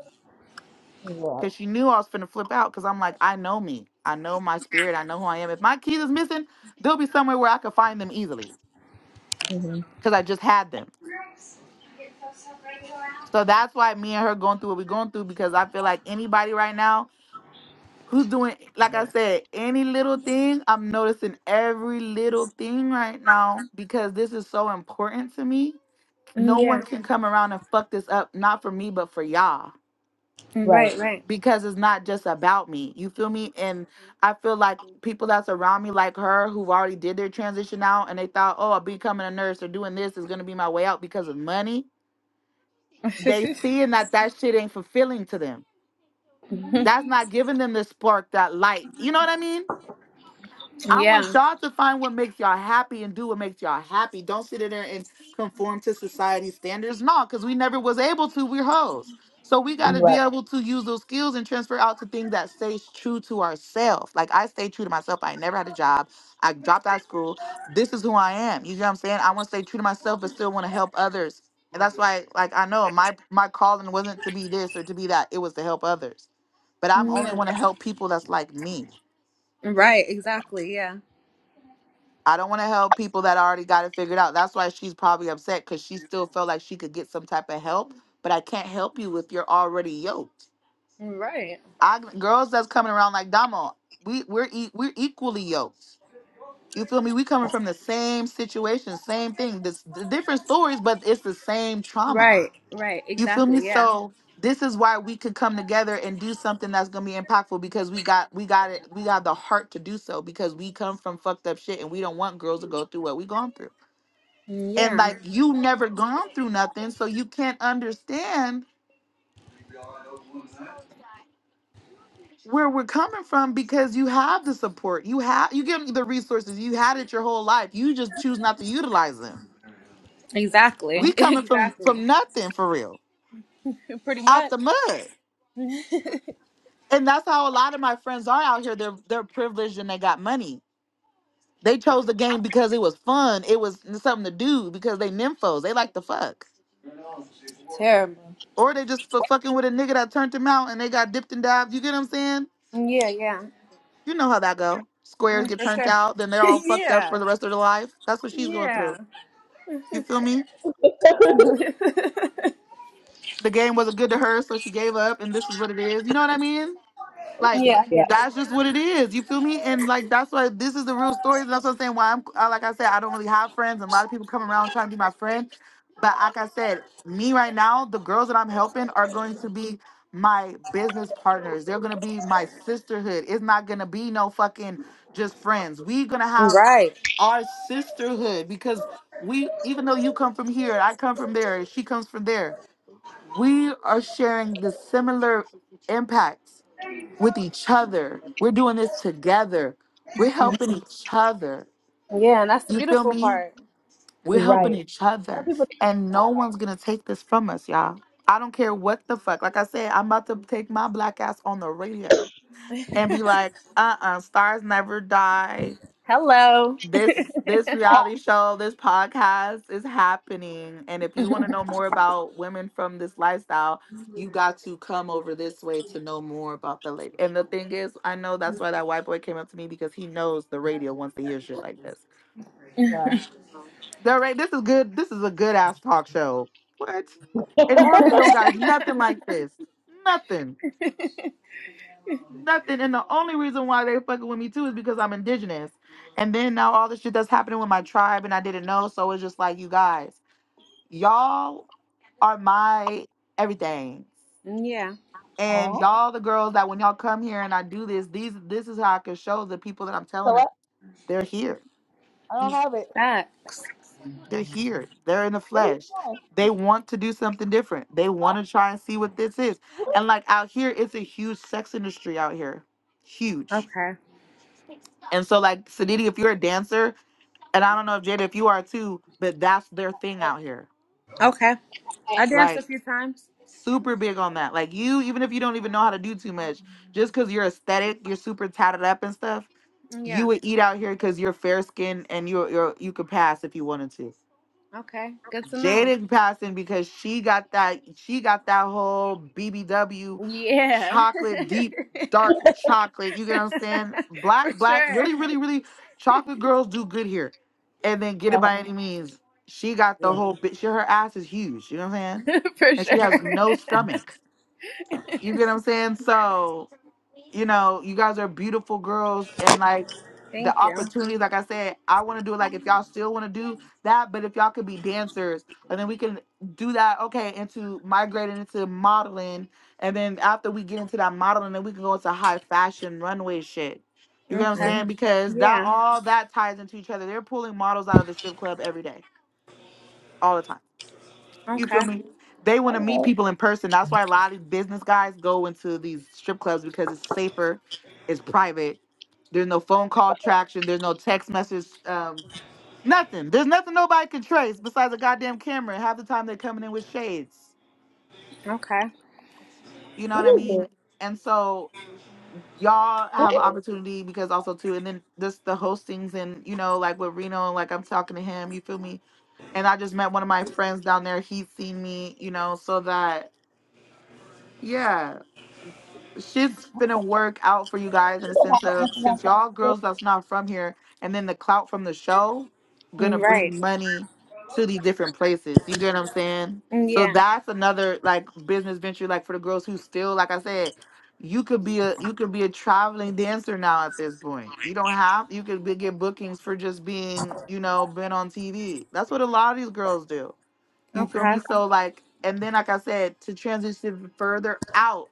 A: Because
C: Yeah.
A: she knew I was finna flip out. Because I'm like, I know me. I know my spirit. I know who I am. If my keys is missing, they'll be somewhere where I could find them easily.
C: hmm
A: Because I just had them. So that's why me and her going through what we're going through. Because I feel like anybody right now who's doing like I said, any little thing. I'm noticing every little thing right now because this is so important to me.
B: Mm,
A: No one
B: Yeah.
A: can come around and fuck this up, not for me, but for y'all.
B: Mm,
C: Right.
B: Right, right.
A: Because it's not just about me. You feel me? And I feel like people that's around me like her who've already did their transition out and they thought, oh, becoming a nurse or doing this is gonna be my way out because of money. They seeing that that shit ain't fulfilling to them.
B: Mhm.
A: That's not giving them the spark, that light. You know what I mean? I
B: yeah.
A: want y'all to find what makes y'all happy and do what makes y'all happy. Don't sit in there and conform to society's standards. No, because we never was able to. We're hoes. So we got to be
C: Right.
A: able to use those skills and transfer out to things that stays true to ourselves. Like I stay true to myself. I ain't never had a job. I dropped out of school. This is who I am. You know what I'm saying? I want to stay true to myself, but still want to help others. And that's why, like, I know my my calling wasn't to be this or to be that. It was to help others. But I'm
B: Mm,
A: only
B: Yeah.
A: want to help people that's like me.
B: Right, exactly. Yeah.
A: I don't want to help people that already got it figured out. That's why she's probably upset because she still felt like she could get some type of help. But I can't help you if you're already yoked.
B: Mm, Right.
A: I girls that's coming around like Damo, we we're e- we're equally yoked. You feel me? We coming from the same situation, same thing. This the different stories, but it's the same trauma.
B: Right, right.
A: You feel me?
B: Exactly. Yeah.
A: So this is why we could come together and do something that's gonna be impactful because we got we got it we got the heart to do so because we come from fucked up shit and we don't want girls to go through what we gone through
B: Mm,
A: and
B: Yeah.
A: like you never gone through nothing so you can't understand where we're coming from because you have the support you have you give the resources you had it your whole life you just choose not to utilize them
B: Exactly.
A: we coming from
B: exactly.
A: from nothing for real
B: Pretty
A: out
B: much.
A: the mud
B: Mhm.
A: and that's how a lot of my friends are out here they're they're privileged and they got money they chose the game because it was fun it was something to do because they nymphos they like to fuck
B: Terrible.
A: or they just for fucking with a nigga that turned them out and they got dipped and dived you get what i'm saying
B: Mm, Yeah, yeah.
A: You know how that go. Squares
B: Mm,
A: get
B: For
A: turned
B: sure.
A: out, then they're all fucked up for
B: yeah.
A: the rest of their life. That's what she's going
B: Yeah.
A: through. You feel me? The game wasn't good to her, so she gave up, and this is what it is. You know what I mean?
C: Oh,
A: Like
C: shit.
B: yeah, I
C: Yeah.
B: get it.
A: that's just what it is. You feel me? And like that's why this is the real story. That's what I'm saying. Why I'm I- like I said, I don't really have friends, and a lot of people come around trying to be my friend. But like I said, me right now, the girls that I'm helping are going to be my business partners. They're gonna be my sisterhood. It's not gonna be no fucking just friends. We gonna have
B: Right.
A: our sisterhood because we even though you come from here i come from there she comes from there we are sharing the similar impacts with each other we're doing this together we're helping each other
B: Yeah, and that's the
A: you feel
B: beautiful
A: me
B: part.
A: we're helping
C: Right.
A: each
C: Other
A: other
C: people can do
A: and no
C: that.
A: one's gonna take this from us y'all i don't care what the fuck like i said i'm about to take my black ass on the radio and be like uh-uh stars never die
B: Hello.
A: this this reality show, this podcast is happening. And if you want to know more about women from this lifestyle, you got to come over this way to know more about the lady. And the thing is, I know that's why that white boy came up to me because he knows the radio wants to hear shit like this.
C: Like, oh,
A: The right, this is good. This is a good ass talk show. What? And Oregon
C: yeah.
A: don't got nothing like this. Nothing. nothing. And the only reason why they fucking with me too is because I'm indigenous. And then now all this shit that's happening with my tribe and I didn't know. So it's just like you guys, y'all are my everything.
B: yeah.
A: And
C: Oh.
A: y'all the girls that when y'all come here and I do this, these this is how I can show the people that I'm
C: So
A: telling them
C: what?
A: they're here.
C: I don't have it.
B: That.
A: They're here. They're in the
C: Where are you
A: flesh.
C: going?
A: They want to do something different. They
C: Huh?
A: want to try and see what this is.
C: Who?
A: And like out here, it's a huge sex industry out here. Huge.
B: Okay.
A: And so like Sadidi, if you're a dancer, and I don't know if Jada, if you are too, but that's their thing out here.
B: Okay.
C: Eh, eh.
B: I danced a
A: Like
B: few times.
A: super big on that. Like you, even if you don't even know how to do too much, just because you're aesthetic, you're super tatted up and stuff, you
B: Yeah.
A: would eat out here because you're fair skinned and you are you you could pass if you wanted to.
B: Okay. Good to know.
A: Jaden passing because she got that she got that whole BBW
B: Yeah.
A: chocolate deep dark chocolate. You get what I'm saying?
B: For
A: Black black
B: sure.
A: really really really chocolate girls do good here, and then get it
C: Okay.
A: by any means. She got the whole bit. She her ass is huge. You know what I'm saying?
B: For
A: And she
B: sure.
A: has no stomach. You get what I'm saying? So, you know, you guys are beautiful girls and like the
B: Thank you.
A: opportunities, like I said, I want to do it. Like if y'all still want to do that, but if y'all could be dancers and then we can do that, okay, into migrating into modeling. And then after we get into that modeling, then we can go into high fashion runway shit. You get what I'm
B: Okay.
A: saying? Because that
B: Yeah.
A: all that ties into each other. They're pulling models out of the strip club every day, all the time. You feel
B: Okay.
A: me? They want to
C: Mm.
A: meet people in person. That's why a lot of business guys go into these strip clubs because it's safer, it's private. There's no phone call traction. There's no text message. Um, nothing. There's nothing nobody can trace besides a goddamn camera. And half the time they're coming in with shades.
B: Okay.
A: You know what I
C: What is it?
A: mean? And so y'all
C: Who
A: have an
C: is
A: opportunity because also too, and then just the hostings and you know, like with Reno, like I'm talking to him, you feel me? And I just met one of my friends down there. He's seen me, you know, so that yeah shit's gonna work out for you guys in a sense of
C: it?
A: since y'all girls that's not from here and then the clout from the show gonna bring
B: Right.
A: Mhm. money to these different places. You get what I'm saying? So
B: Yeah.
A: that's another like business venture like for the girls who still like I said, you could be a you could be a traveling dancer now at this point. You don't have you could be, get bookings for just being, you know, been on TV. That's what a lot of these girls do. You feel
B: Okay.
A: me? So like and then like I said to transition further out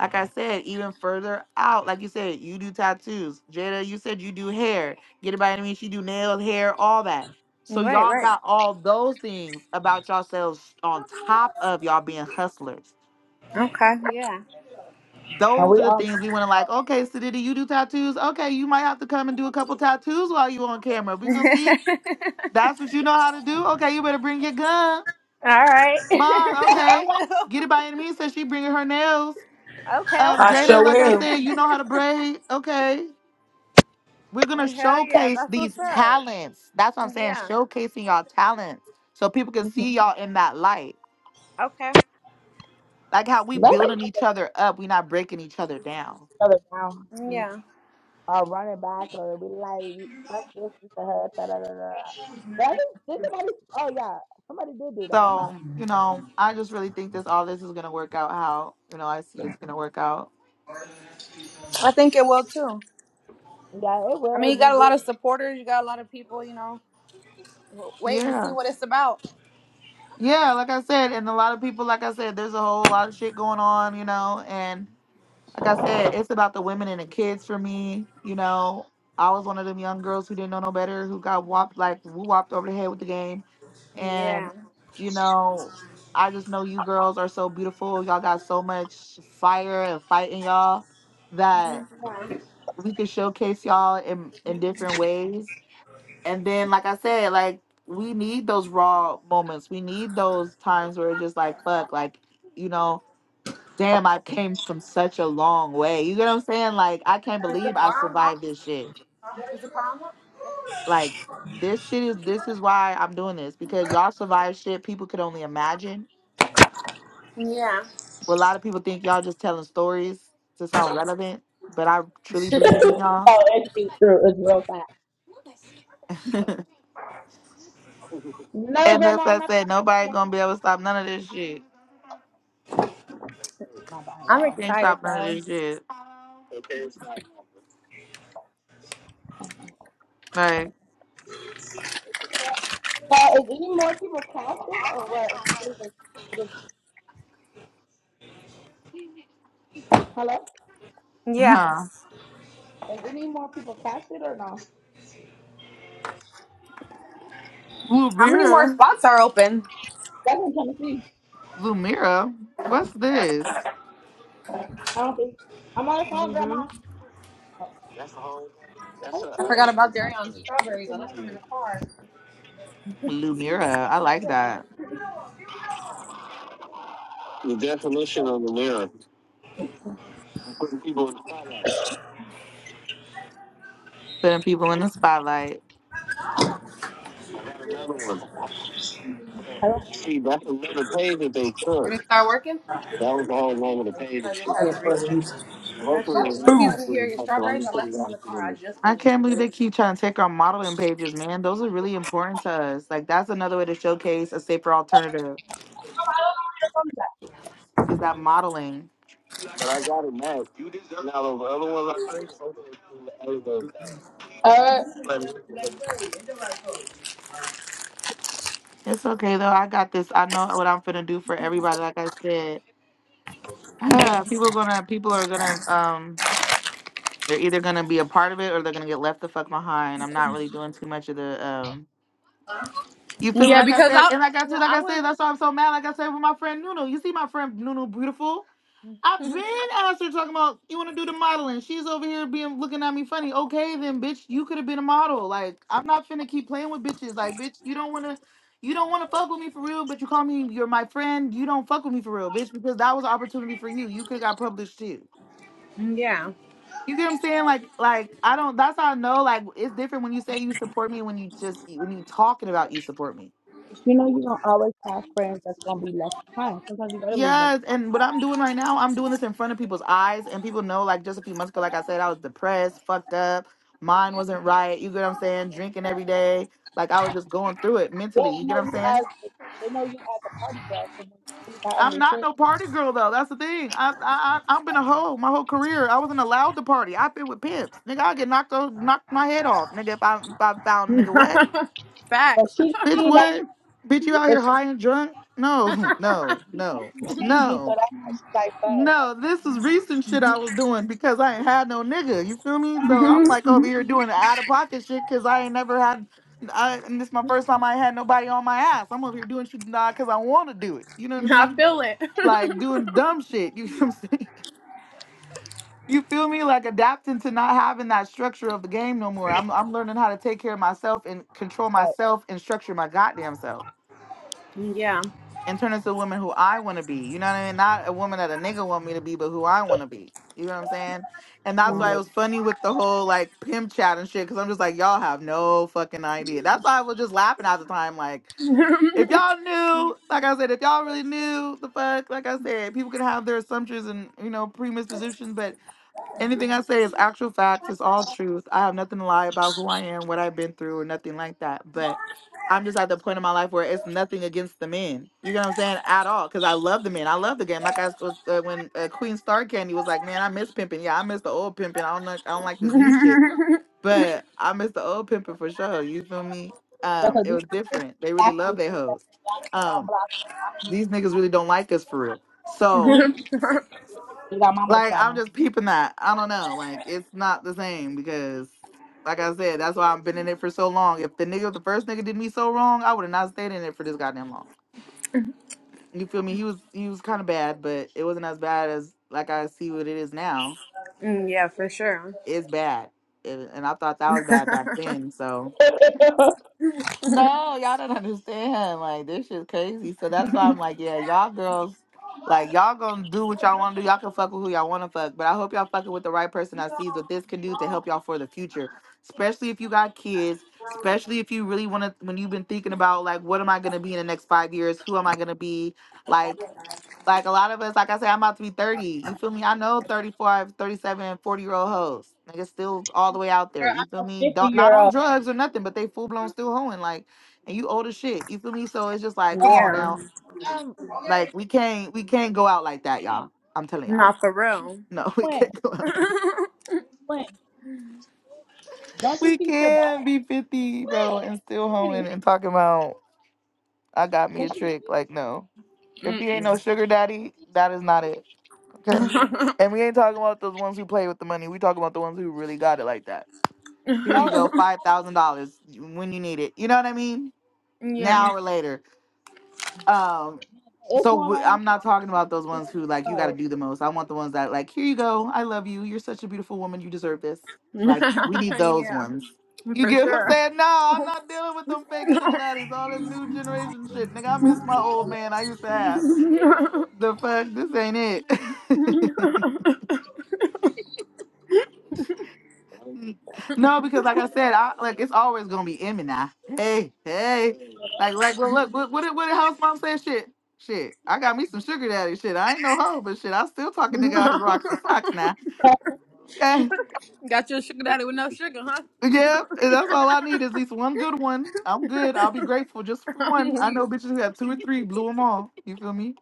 A: like I said, even further out, like you said, you do tattoos. Jada, you said you do hair. Get it by any means, She do nails, hair, all that. So
B: Right,
A: y'all
B: right.
A: got all those things about yourselves on top of y'all being hustlers.
B: Okay. Yeah.
C: And
A: Those
C: we
A: are the
C: all
A: things we want to like, okay, Sadidi, you do tattoos. Okay, you might have to come and do a couple tattoos while you on camera. We can see that's what you know how to do. Okay, you better bring your gun.
B: All right.
A: Bong,
B: I
A: okay.
B: will.
A: Get it by any means, says she bringing her nails.
B: Okay,
A: Um,
D: I
A: Jada,
D: show
A: like I
D: him.
B: okay.
A: said, you know how to braid. Okay. we're gonna
B: Hell yeah.
A: showcase
B: That's
A: these
B: what's up.
A: talents. That's what I'm saying.
B: Yeah.
A: Showcasing y'all talents so people can
C: Mhm.
A: see y'all in that light.
B: Okay.
A: Like how we
C: let's
A: building each
C: make
A: other up, we not breaking each other down.
C: another round.
B: Yeah.
C: Or running back, or we like fuck this, this, and her, da da da da. But I think- Did somebody? Oh yeah, somebody did do that, huh?
A: So, you know, I just really think this all this is gonna work out how, you know, I see it's gonna work out.
B: I think it will too.
C: Yeah, it
B: I
C: will.
B: mean,
C: It
B: you
C: will.
B: got a lot
C: will.
B: of supporters. You got a lot of people, you know, w- waiting to see
A: Yeah.
B: what it's about.
A: Yeah, like I said, and a lot of people, like I said, there's a whole lot of shit going on, you know, and. like I said, it's about the women and the kids for me. You know, I was one of them young girls who didn't know no better, who got whopped like who whopped over the head with the game. And
B: Yeah.
A: you know, I just know you girls are so beautiful. Y'all got so much fire and fight in y'all that we can showcase y'all in in different ways. And then, like I said, like we need those raw moments. We need those times where it's just like fuck, like you know damn, I came from such a long way. You get what I'm saying? Like, I can't believe I survived this shit. Like, this shit is this is why I'm doing this because y'all survived shit people could only imagine.
B: Yeah.
A: Well, a lot of people think y'all just telling stories to sound relevant, but I truly believe in y'all.
C: oh, it's be true. It's real fast. No,
A: and that's what
C: grandma, I'm
A: I
C: not
A: said.
C: talking to
A: Nobody
C: you.
A: gonna be able to stop none of this shit.
C: My bad,
B: I'm
A: They
C: y'all.
A: can't
B: excited
A: stop none of
B: though.
A: this shit.
C: Mhm.
A: Like,
C: Yeah, is any more people casted or what? Is it- What is it? What is? Hello?
B: Yeah.
A: huh?
C: Is any more people casted or no?
B: How many more
A: Lumira,
B: spots are open?
C: That's in Tennessee.
A: Lumira, what's this?
C: I don't think I'm on the phone,
A: Lulu.
C: Grandma. Oh,
A: That's a whole.
C: hey,
A: That's a,
B: I
A: uh,
C: cool.
B: forgot
A: another
B: about dairy
A: concept.
B: on
A: That's
B: strawberries. I left them in
A: another.
B: the car.
A: Lumira. I like that. The definition of the mirror. I'm putting people in the spotlight. Putting people in the spotlight. I got another one. But
C: I don't.
A: see, that's another page that they
B: Did
A: took.
B: it start working?
A: That was the whole name of the
B: I
A: page and
B: just
A: shit.
B: have to reset it. You got your
C: First
A: Hopefully, it
C: of
A: went
D: Boom.
B: turkeys
A: out
B: in here,
A: really
B: your
A: back, but
B: strawberries.
A: I'm
B: I
A: pretty
B: left them in the
A: honest with
B: car. I
A: you.
B: just put
A: I
B: them in the
A: can't believe they keep trying to take our modeling pages, man. Those are really important to us. Like that's another way to showcase a safer alternative
C: all, I don't know where your phone
A: is that modeling. But I got it now. Now the other ones I think, I was
C: is at. Uh,
A: It's okay though. I got this. I know what I'm finna do for everybody. Like I said,
B: fridge.
A: people gonna people are gonna um they're either gonna be a part of it or they're gonna get left the fuck behind. I'm not really doing too much of the um. You feel
B: Yeah.
A: me?
B: Yeah,
A: Like I
B: because
A: said,
B: I,
A: and like I
B: you
A: too,
B: know,
A: like
B: I
A: I said,
B: was.
A: that's why I'm so mad. Like I said with my friend Nunu. You see my friend Nunu beautiful. I've been asked her talking about you want to do the modeling. She's over here being looking at me funny. Okay, then, bitch, you could have been a model. Like I'm not finna keep playing with bitches. Like, bitch, you don't wanna, you don't wanna fuck with me for real. But you call me, you're my friend. You don't fuck with me for real, bitch, because that was an opportunity for you. You could have got published too.
B: Yeah.
A: You get what I'm saying? Like, like I don't. That's how I know. Like, it's different when you say you support me. When you just when you talking about you support me.
C: you know you're gonna always have friends that's gonna be left behind. Sometimes you gotta leave them.
A: Yes,
C: behind.
A: and what I'm doing right now, I'm doing this in front of people's eyes, and people know. Like just a few months ago, like I said, I was depressed, fucked up, mind wasn't right. You get what I'm saying? Drinking every day, like I was just going through it
C: Yeah,
A: mentally. You
C: they
A: get what
C: know
A: I'm
C: you as
A: saying?
C: they know you as a party girl. So when you really got on
A: I'm
C: your
A: not
C: shit,
A: no party girl though. That's the thing. I I I- I've been a hoe my whole career. I wasn't allowed to party. I've been with pimps, nigga. I get knocked o- knocked my head off, nigga. If I if I found nigga what,
C: but
B: Facts.
C: she
A: bitch
C: seen that,
A: what, bitch you out
C: but
A: here
C: she
A: high and drunk? No, no,
C: seen that
A: no,
C: you changing.
A: no.
C: So that's why she's like, "Fuck, like,
A: No, this is recent shit I was doing because I ain't had no nigga. You feel me? So I'm like over here doing out of pocket shit because I ain't never had. I, and this my first time I had nobody on my ass. I'm over here doing shit not because I want to do it. You know what I
B: I
A: mean?
B: feel it.
A: Like doing dumb shit. You know what I'm saying? You feel me? Like adapting to not having that structure of the game no more. I'm I'm learning how to take care of myself and control
C: fuck,
A: myself and structure my goddamn self.
B: yeah.
A: and turn into the woman who I want to be. You know what I mean? Not a woman that a nigga want me to be, but who I want to be. You know what I'm saying? And that's
C: don't
A: why it
C: look."
A: was funny with the whole like pimp chat and shit, because I'm just like, y'all have no fucking idea. That's why I was just laughing at the time. Like, if y'all knew, like I said, if y'all really knew the fuck, like I said, people could have their assumptions and, you know, pre-mispositions, but Anything I say is actual facts. It's all truth. I have nothing to lie about who I am, what I've been through, or nothing like that. But I'm just at the point in my life where it's nothing against the men. You know what I'm saying? At all, because I love the men. I love the game. Like I was uh, when uh, Queen Star Candy was like, "Man, I miss pimping. Yeah, I miss the old pimping. I don't like, I don't like this new shit, but I miss the old pimping for sure. You feel me?
C: Yeah,
A: Um,
C: cause
A: it
C: these
A: was
C: things
A: different. They really
C: block
A: love
C: you,
A: their
C: block
A: hoes.
C: you,
A: Um,
C: unblock you.
A: these niggas
C: I'm
A: really don't like us for real. So
C: beating You You got mama
A: like I'm
C: trauma.
A: just peeping that. I don't know. Like it's not the same because, like I said, that's why I've been in it for so long. If the nigga, the first nigga, did me so wrong, I would have not stayed in it for this goddamn long. You feel me? He was he was kind of bad, but it wasn't as bad as like I see what it is now.
B: Mm, yeah, for sure.
A: It's bad, and and I thought that was bad back then. So. No, y'all don't understand. Like this shit's crazy. So that's why I'm like, yeah, y'all girls, like y'all gonna do what y'all wanna do. Y'all can fuck with who y'all wanna fuck. But I hope y'all fucking with the right person that sees what this can do to help y'all for the future. Especially if you got kids, especially if you really wanna when you've been thinking about like what am I gonna be in the next five years, who am I gonna be? Like like a lot of us, like I said, I'm about to be 30. You feel me? I know 35, 37, 40 year old hoes. Niggas still all the way out there.
C: Girl,
A: You feel
C: I'm a
A: me?
C: fifty
A: Don't not
C: year
A: on
C: old.
A: drugs or nothing, but they full blown still hoeing. Like, and you old as shit. You feel me? So it's just like, come
C: Yeah.
A: on
B: Yeah,
A: now.
C: Um,
A: Like we can't we can't go out like that,
C: man.
A: y'all. I'm telling y'all.
B: not for real.
A: No, we
C: When?
A: can't go out like that.
C: When? Don't you
A: We
C: see
A: can
C: Savannah?
A: be 50, bro,
C: When?
A: and still
C: did
A: hoeing
C: he?
A: and talking about I got me
C: Cause
A: a
C: she
A: trick. Like, no. If you ain't no
B: Mm-mm.
A: sugar daddy, that is not it. Okay. And we ain't talking about those ones who play with the money. We talking about the ones who really got it like that. Here you
C: no,
A: go,
C: it's
A: five thousand dollars when you need it. You know what I mean?
B: yeah,
C: mhm.
A: Now or later. Um.
C: it's
A: So
C: one
A: w-
C: right now.
A: I'm not talking
C: She
A: about those
C: just just
A: ones who like you got to
C: oh,
A: do the most. I want the ones that like here you go. I love you. You're such a beautiful woman. You deserve this. Like we need those
B: yeah,
A: ones. You
B: for
A: get what I'm
B: sure.
A: saying? No, I'm not dealing with them fake chickenatties, all this new generation shit. Nigga, I miss my old man I used to have. The fuck, this ain't it. No, because like I said, I like it's always gonna be Emmy now. Hey, hey, like like well, look, what what did what did house mom say? Shit, shit. I got me some sugar daddy shit. I ain't no hoe, but shit, I still talking nigga out his rocks and socks now. Okay,
B: Got your sugar daddy with no sugar, huh?
A: yeah, and that's all I need is at least one good one. I'm good. I'll be grateful just for
B: I'm
A: one. I
B: weak.
A: know bitches have two or three, blew them all. You feel me?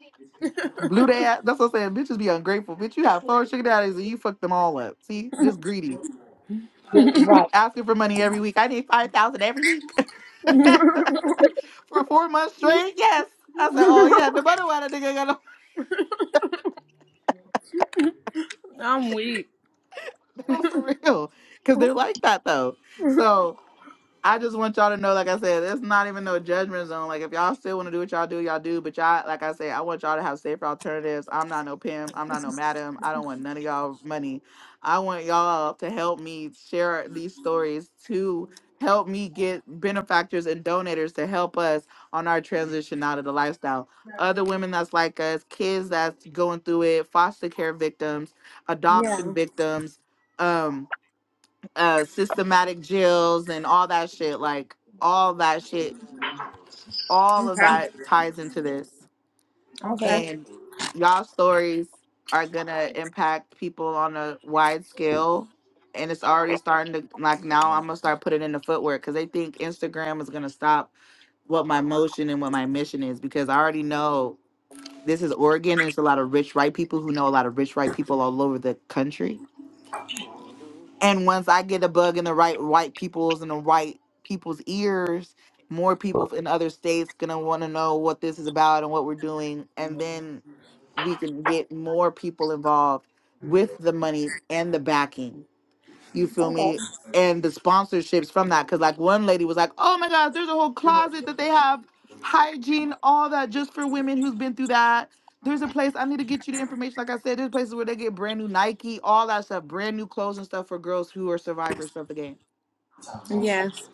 A: Blew that. That's what I'm saying. Bitches be ungrateful. Bitch, you have four sugar daddies and you fuck them all up. See, just greedy.
C: just right.
A: asking for money every week. I need five thousand every week for four months straight. Yes, I said, oh yeah, no matter why that nigga got
B: I'm weak.
A: no, no for real, because they're like that though. So. I just want y'all to know, like I said, it's not even no judgment zone. Like if y'all still want to do what y'all do, y'all do. But y'all, like I said, I want y'all to have safer alternatives. I'm not no pimp. I'm not no madam. I don't want none of y'all money. I want y'all to help me share these stories to help me get benefactors and donators to help us on our transition out of the lifestyle. Other women that's like us, kids that's going through it, foster care victims,
B: Yeah.
A: adoption victims. Um, uh systematic jails and all that shit like all that shit all of
B: Okay.
A: that ties into this
B: Okay.
C: Okay,
A: and y'all stories are gonna impact people on a wide scale and it's already starting to like now i'm gonna start putting in the footwork because they think instagram is gonna stop what my motion and what my mission is because i already know this is oregon and it's a lot of rich white people who know a lot of rich white people all over the country and once I get a bug in the right white people's and the right people's ears, more people in other states gonna want to know what this is about and what we're doing, and then we can get more people involved with the money and the backing. You feel
C: okay,
A: me? And the sponsorships from that. Cause like one lady was like, oh my God, there's a whole closet that they have hygiene, all that just for women who's been through that. There's a place I need to get you the information. Like I said, there's places where they get brand new Nike, all that stuff, brand new clothes and stuff for girls who are survivors of the game.
B: Yes.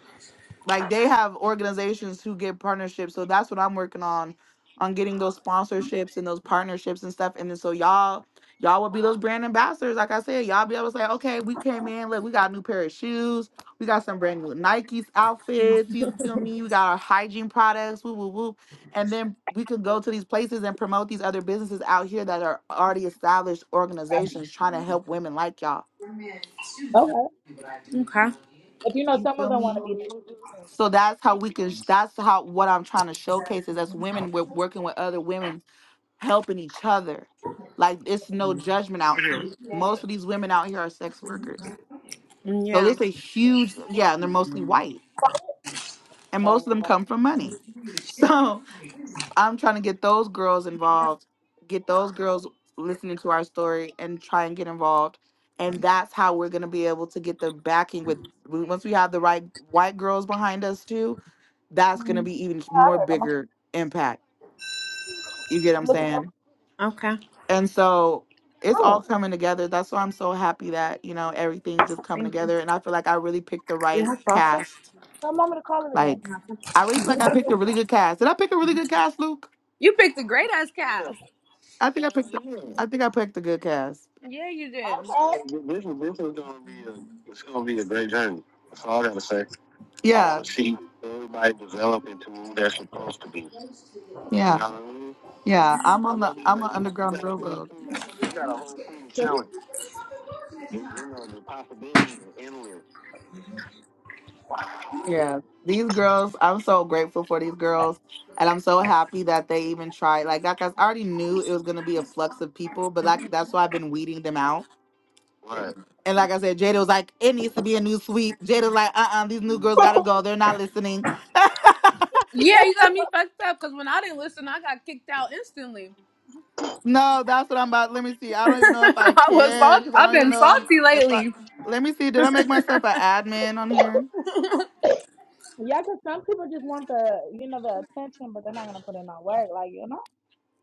A: Like they have organizations who get partnerships. So that's what I'm working on, on getting those sponsorships and those partnerships and stuff. And then so y'all, y'all will be those brand ambassadors. Like I said, y'all be able to say, okay, we came in, look, we got a new pair of shoes, we got some brand new Nike's outfits. You feel me? We got our hygiene products. Woo woo woo. And then we could go to these places and promote these other businesses out here that are already established organizations trying to help women like y'all.
C: okay.
B: Okay.
C: But you know,
A: You
C: some of
A: feel
C: them want
A: me?
C: to be more cute too.
A: So that's how we can. That's how what I'm trying to showcase is as women, we're working with other women, helping each other. Like it's no judgment out here. Most of these women out here are sex workers. So
B: Yeah.
A: there's a huge yeah, and they're mostly white, and most
C: So,
A: of them
C: like,
A: come from money. So I'm trying to get those girls involved, get those girls listening to our story, and try and get involved. And that's how we're gonna be able to get the backing with once we have the right white girls behind us too that's going to
C: mm,
A: be even
C: I
A: more
C: heard them.
A: bigger impact. You get what
C: You
A: I'm
C: Look at your
A: saying?
B: Okay.
A: And so it's all
C: room.
A: coming together. That's why I'm so happy that, you know, everything's just coming
B: Thank you.
A: together. And I feel like I really picked the
B: Do you
A: right
B: have salsa?
A: cast.
C: Tell mama to call it again.
A: Like, I really feel like I picked a really good cast. Did I pick a really good cast, Luke?
B: You picked a great ass
A: Yeah.
B: cast.
A: I think I picked. The, Yeah. I think I picked a good cast.
B: Yeah, you did.
C: Okay.
A: Hey, This is this is gonna be a it's gonna be a great journey. That's all I gotta say. I want Yeah. Uh, see everybody develop into who they're supposed to be. Yeah. Yeah. I'm on the I'm an underground railroad. Yeah. These girls, I'm so grateful for these girls. And I'm so happy that they even tried. Like, like I already knew it was gonna be a flux of people, but like that's why I've been weeding them out. And like I said, Jada was like, it needs to be a new sweep. Jada's like, uh uh these new girls gotta go. They're not listening.
B: Yeah, you got me fucked up because when I didn't listen, I got kicked out instantly.
A: No, that's what I'm about. Let me see. I don't even know if I
B: I was
A: can
B: salt-
A: because I
B: I've
A: don't even
B: been
A: know I'm
B: salty
A: if I.
B: lately.
A: Let me see. Did I make myself an admin on here?
C: yeah, cause some people just want the you know the attention, but they're not gonna put in no work. Like you know,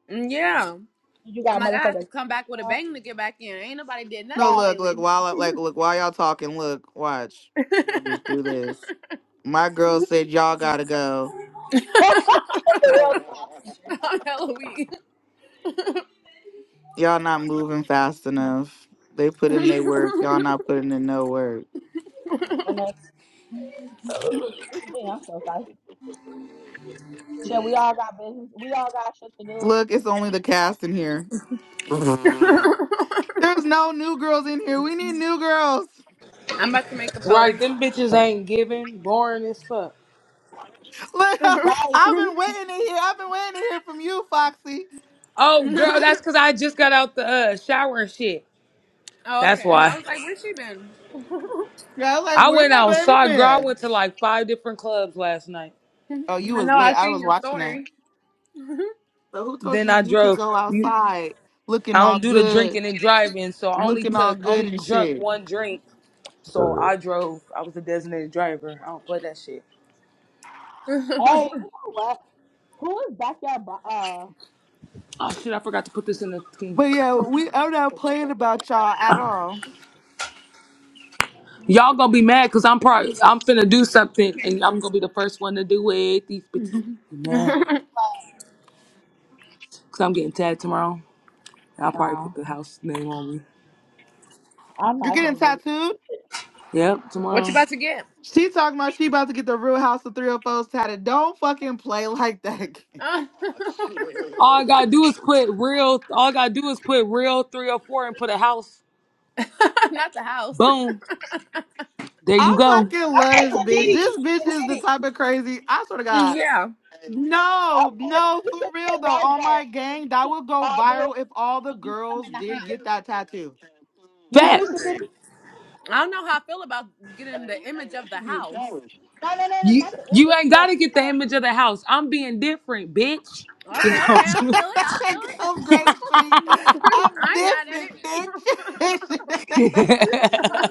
B: yeah.
C: you
B: I'm
C: got
B: like, I have to
C: motherfuckers.
B: come back with a bang to get back in. Ain't nobody did
A: No,
B: nothing
C: Right.
A: look, look.
B: lately.
A: While I, like look while y'all talking, look, watch. We're gonna just do this. My girl said y'all gotta go.
C: The real
B: I'm hella weak.
A: Y'all not moving fast enough. They put in their work. Y'all not putting in no work.
C: It's me. I'm so sorry. Shit, we all got business. We all got shit to do.
A: Look, it's only the cast in here. There's no new girls in here. We need new girls.
B: I'm about to make a
D: Right,
B: post.
D: them bitches ain't giving. Boring as fuck.
A: Look,
B: oh,
C: Right.
A: I've been waiting to hear. I've been waiting to hear from you, Foxy.
D: Oh, girl, that's because I just got out the uh, shower and shit. That's
B: okay. I
D: why.
B: was like, where's she been?
A: Yeah, I was like,
D: I
A: where
D: went
A: my baby
D: outside, girl. I
A: been?
D: went to like five different clubs last night.
A: Oh, you
B: I
A: was
B: know,
A: lit.
B: I
A: I
B: seen
A: was
B: your
A: watching that.
B: story.
A: So who told
D: Then
A: you
D: I
A: you could
D: drove.
A: go
D: You,
A: outside looking
D: I don't
A: all
D: do the
A: good,
D: drinking and driving, so I only
A: looking all
D: took
A: good
D: only
A: and
D: drunk
A: shit?
D: one drink. So
C: Uh,
D: I drove. I was a designated driver. I don't play that shit.
C: Hey,
B: what
C: you know what? Who is backyard? Bo- uh,
D: Oh shit! I forgot to put this in the thing.
A: But yeah,
C: who-
A: we I'm not playing about y'all at all.
D: Y'all gonna be mad because I'm probably I'm finna do something and I'm gonna be the first one to do it. These bitches be mad because I'm getting tagged tomorrow. I'll probably put
C: wow.
D: the house name on me.
C: I'm
A: You're
C: not
A: getting
C: gonna do this.
A: tattooed.
D: Yep,
B: you
D: tomorrow.
B: about to get?
A: She talking about she about to get the Real House of 304s tatted. Don't fucking play like that.
B: Uh,
D: All I gotta do is put real. All I gotta do is put real three or four and put a house.
B: not the house.
D: Boom. There you
A: I
D: go.
A: fucking love
C: Okay,
A: this bitch.
C: Kennedy.
A: This bitch is the
C: Kennedy.
A: type of crazy. I swear to God.
B: Yeah.
A: No,
C: Okay,
A: no,
C: we
A: for
C: should
A: real
C: get
A: though.
C: logo, and
A: On my
C: then
A: gang,
C: we
A: that
C: should
A: would go
C: all do it
A: viral if all the
C: when you come
A: girls
C: in the
A: did
C: house.
A: get that tattoo.
C: You hear me,
D: Facts.
C: Sadiddy?
B: I don't know how I feel about getting the image of the house.
C: No, no, no, no,
D: You
C: not the
D: you
C: image,
D: ain't
C: but
D: gotta get the image of the house. I'm being different, bitch.
B: Okay, okay,
D: Is all
B: I
D: I'm
B: feel it. I feel it.
A: Come Grape Street.
B: I
A: I'm
B: ain't mad at
A: different,
B: it.
A: bitch.
D: saying.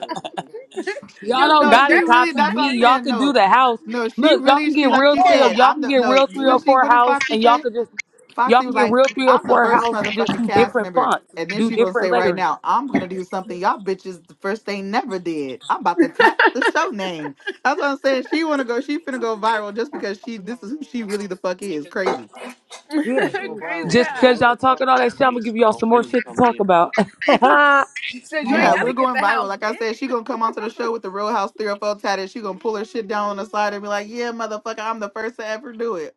B: You
D: y'all
B: was a
D: don't
A: no,
B: little
D: gotta
A: she
B: aggressive,
A: really.
B: but
D: copy
B: I
A: That's what
D: me.
A: I'm
B: hear you.
D: Y'all
A: saying.
D: can do
A: No,
D: the house.
A: no, she
D: Look, y'all
A: really.
D: can get
A: She like
D: real
A: you
C: do it.
D: three or
A: said.
D: y'all
A: I'm
D: can
A: the
D: get
A: no.
D: real three
A: What
D: or
A: did she?
D: four
A: What did
D: house,
A: Foxy
D: and y'all
A: say?
D: can just y'all
A: Foxy
D: can
A: was
D: get
A: like,
D: real three or
A: I'm the
D: four
A: first
D: house and just
A: motherfucking
D: do
A: cast
D: different
A: member.
D: fonts,
A: And then
D: do
A: she's gonna
D: different
A: say right
D: lettering.
A: now, I'm gonna do something y'all bitches the first they never did. I'm about to tap the show name. That's what I'm saying. She wanna go, she finna go viral just because she this is who she really the fuck is. Crazy.
D: Yeah.
A: You go
B: Crazy
A: viral, the
D: Just
A: show
D: because
B: ass.
D: y'all
A: go viral,
D: talking all that shit,
A: that'll
D: I'm
A: be
D: gonna give
A: some
D: y'all some more
A: momentum
D: shit to
A: coming
D: talk
A: in.
D: about. y'all
B: she said you
C: I
B: ain't
A: Yeah,
C: never.
B: gotta
A: we're
B: get the
A: going viral.
B: house,
A: Like I said,
B: bitch.
A: she gonna come onto the show with the Real House 304 tatted. She gonna pull her shit down on the side and be like, yeah, motherfucker, I'm the first to ever do it.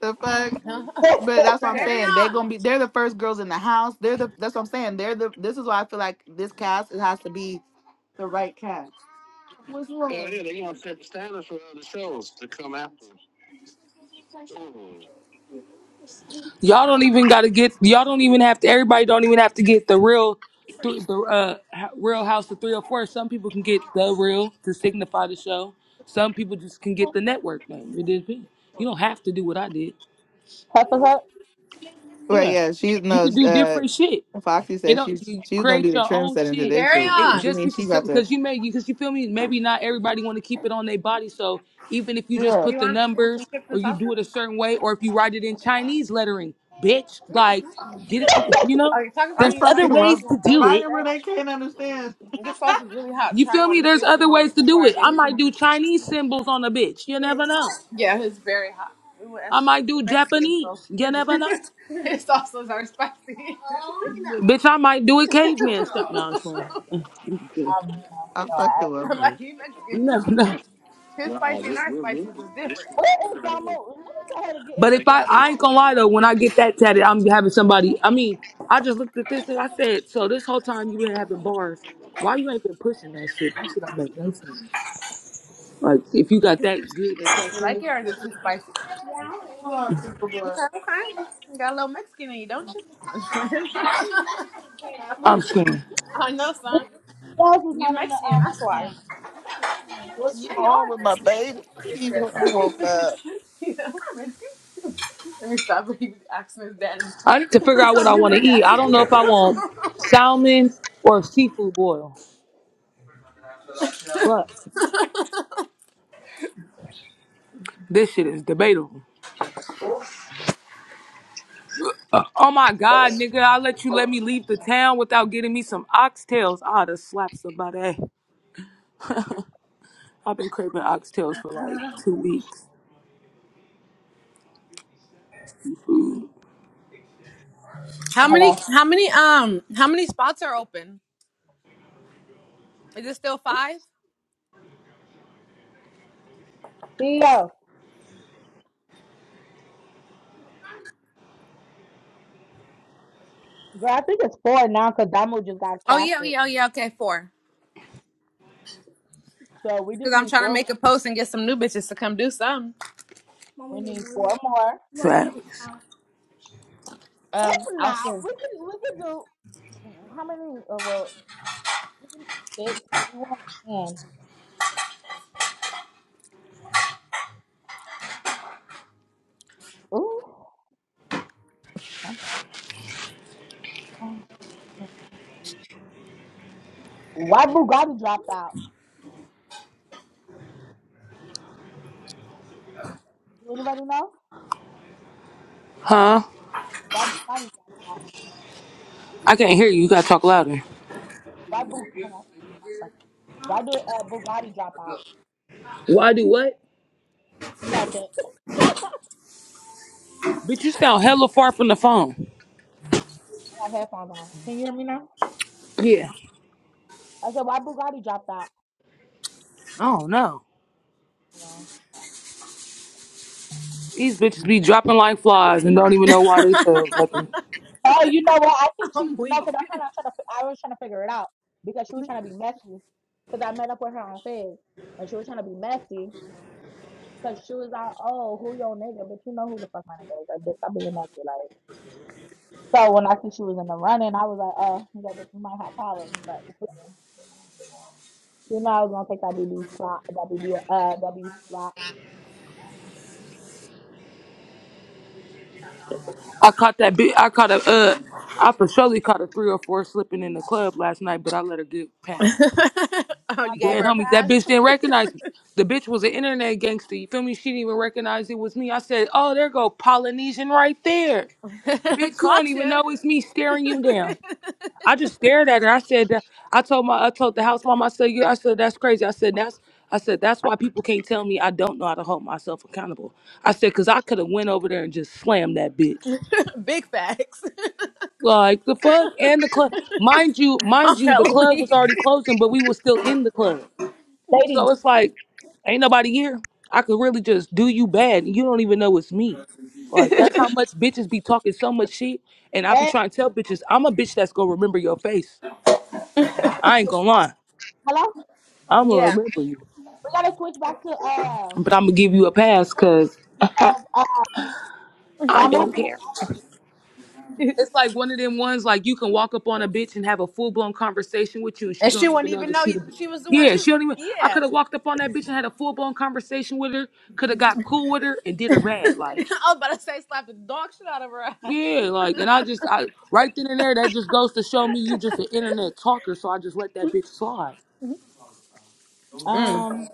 A: The fuck. But that's what I'm
B: Carry
A: saying.
D: Facts.
A: They're
B: on.
A: gonna be. They're the first girls in the house. They're the. That's what I'm saying. They're the. This is why I feel like this cast. It has to be the right cast. What's wrong? Yeah, yeah, they gonna set the standard for other shows to come after. Mhm.
D: don't even gotta get. Y'all don't even have to. Everybody don't even have to get the real, th- the uh, h- real House of 304. Some people can get the real to signify the show. Some people just can get the network name. It depends. You don't have to do what I did.
C: Cut the cut.
A: Right.
D: Yeah,
A: Yeah. She
D: you could
A: knows.
D: do
A: Uh,
D: different shit.
A: Foxy
D: It
A: says
D: don't
A: she's
D: you
A: she's gonna
D: create
A: do the
D: your
A: trim
D: own
A: setting to
D: shit.
A: this
B: Carry
A: shit.
D: It
B: on.
A: If you
D: just
A: mean she
D: because
A: about to.
D: because you may because you feel me. Maybe not everybody want to keep it on their body. So even if you just
B: Do
A: Yeah.
B: you
D: put the
B: want, want some
D: numbers
B: chips
D: or
B: and
D: you
B: salsa?
D: do it a certain way or if you write it in Chinese lettering, bitch,
B: Yeah.
D: like get it to you know.
B: Oh, your tacos are
A: I
D: There's
B: in your black
D: other
A: fucking
B: bag if
D: ways
A: love.
B: you
D: to
B: want those
D: do it.
A: Right where
B: instead.
A: they can't understand.
B: This sauce is really hot.
D: You
B: Try
D: feel
B: one
D: me?
B: and see
D: There's
B: if you
D: other
B: want
D: ways
B: it
D: to
B: before
D: do
B: I
D: it. I
B: give you
D: might do
B: some.
D: Chinese symbols on a bitch. You never know.
B: Yeah, it's very hot. We went
D: I
B: Esteban.
D: might do
B: We're Mexican, so
D: Japanese. You
B: his,
D: never know.
B: his salsas are spicy.
D: Bitch, I might do it caveman stuff. No, it's fine.
C: I'm down with
A: I
C: your
A: fucking
C: ass.
A: love
B: I'm like,
A: her.
B: you
D: You
B: Mexican.
D: never know.
B: His
A: Wow,
B: spicy and
A: this,
B: our spicy is
A: this, this,
B: different.
C: Where is
A: this,
C: Damo? Let me tell her to get in
D: But
C: this
D: if I,
C: damn
D: I
C: chat.
D: ain't gonna lie though, when I get that tatted, I'm having somebody. I mean, I just looked at this thing. I said, so this whole time you been having bars, why you ain't been pushing that shit? That shit don't make no sense. Like if you got that good a
B: You like
D: tattoo,
B: it or is it too spicy?
A: Oh,
B: Okay, okay. You got a little Mexican in you, don't you?
D: I'm scared.
B: I know,
C: Who
B: son.
C: who else is
B: You
C: not in the uh,
B: Mexican, that's
C: what's the
B: why.
C: name?
A: What's
B: Yeah, you are
A: wrong with
C: Oh,
A: my
B: Mexican.
A: baby? She woke up.
B: you know, I'm Mexican. Let me stop asking his daddy.
D: I need to figure out what I
B: You're
D: want
B: my
D: to eat. I
B: daddy.
D: don't know if I want salmon or seafood boil, but this shit is debatable. Uh, oh my god, nigga! I let you let me leave the town without getting me some oxtails. I'd have slapped somebody. I've been craving oxtails for like two weeks.
B: How many?
C: hello.
B: How many? Um, how many spots are open? Is it still five?
C: CEO. Girl, I think it's four now because Damo just got
B: Oh yeah, oh,
C: casted.
B: yeah, oh yeah. Okay, four.
C: So we
B: Because
C: just
B: I'm
C: need
B: trying to
C: four
B: make
C: more.
B: a post and get some new bitches to come do something.
C: We need four more.
D: Facts.
C: If
B: Um, I'll
C: not,
B: see.
C: we can we can do how many? Uh, well, we can do six, but we want ten. Ooh. Okay. Um, Why Bugatti dropped out? Do anybody know?
D: Huh?
C: Why Bugatti dropped out?
D: I can't hear you. You gotta talk louder.
C: Why Bug? Hold on. Why do uh, Bugatti drop out?
D: Why do what?
C: Nothing. I
D: Bitch, you sound hella far from the phone.
C: got headphones on. Can you hear me now?
D: Yeah.
C: I said, why Bugatti dropped out?
D: I don't know.
C: Well,
D: These bitches be dropping like flies and don't even know why they fell. nothing.
C: oh, you know what? I think she
B: I'm
C: no,
B: weak.
C: because I kind of trying to. I was trying to figure it out because she was trying to be messy. Because I met up with her on Fizz, and she was trying to be messy because she was like, "Oh, who your nigga?" But you know who the fuck my nigga is? Like, bitch, I'm being messy. Like, so when I see she was in the running, I was like, "Oh, yeah, this you might have problems." But you know, I was gonna take that BB slot, that BB, uh, W slot.
D: I caught that bitch. I caught a. Uh, I for surely caught a three or four slipping in the club last night, but I let her get past.
B: oh,
C: I'm
B: you
C: not
B: gave
D: Dead
B: her
C: gonna,
B: a
D: homies, that
B: pass.
D: bitch didn't recognize me. The bitch was an internet gangster. You feel me? She didn't even recognize it was me. I said, "Oh, there go Polynesian right there, bitch. You don't
B: Caught
D: even
B: you.
D: know it's me staring you down." I just stared at her. I said, I told my, I told the house mom, I said, you, I said, that's crazy. I said, that's, I said, that's why people can't tell me I don't know how to hold myself accountable. I said, cause I could have went over there and just slammed that bitch.
B: Big facts.
D: Like the fuck and the club, mind you,
B: I'm
D: mind you, the
B: hella
D: club was
B: weak.
D: already closing, but we was still in the club.
C: ladies.
D: So it's like, ain't nobody here. I could really just do you bad, and you don't even know it's me. Like that's how much bitches be talking so much shit, and I be
C: Hey,
D: trying to tell bitches, I'm a bitch that's gonna remember your face. I ain't gonna lie.
C: hello.
D: I'm gonna
B: Yeah,
D: remember you,
C: We gotta switch back to uh,
D: but I'm gonna give you a pass because
C: uh,
D: I
C: Damu
D: don't
C: K
D: care.
B: and
D: It's like one of them ones like you can walk up on a bitch and have a full blown conversation with you, and she
B: she
D: don't
B: wouldn't
D: even know
B: even
D: that
B: know
D: she. the bi-
B: she was the one.
D: Yeah,
B: She
D: she don't even. I
B: yeah.
D: could have walked up on that bitch and had a full blown conversation with her. Could have got cool with her and did her bad.
B: I
D: Like
B: was about to say slap the dog shit out of her ass.
D: yeah, like and I just I right then and there that just goes to show me you just an internet talker. So I just let that bitch slide.
B: Mm.
C: Um,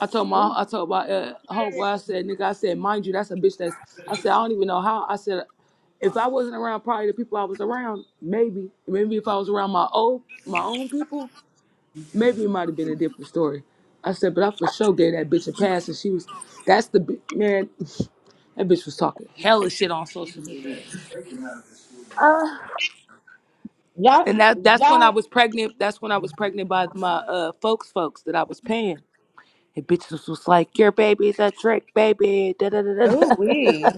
D: I told my
C: ooh,
D: I told my uh, homeboy, I said, nigga, I said, mind you, that's a bitch that's I said, I don't even know how. I said if I wasn't around probably the people I was around, maybe. Maybe if I was around my old my own people, maybe it might have been a different story. I said, but I for sure gave that bitch a pass and she was that's the bi- man, that bitch was talking hella shit on social media.
C: y'all,
D: And that that's when I
C: y'all,
D: was pregnant. That's when I was pregnant by my uh folks folks that I was paying. And bitches was like, Your baby's a trick, baby. Da, da, da, da, da.
B: Ooh wee,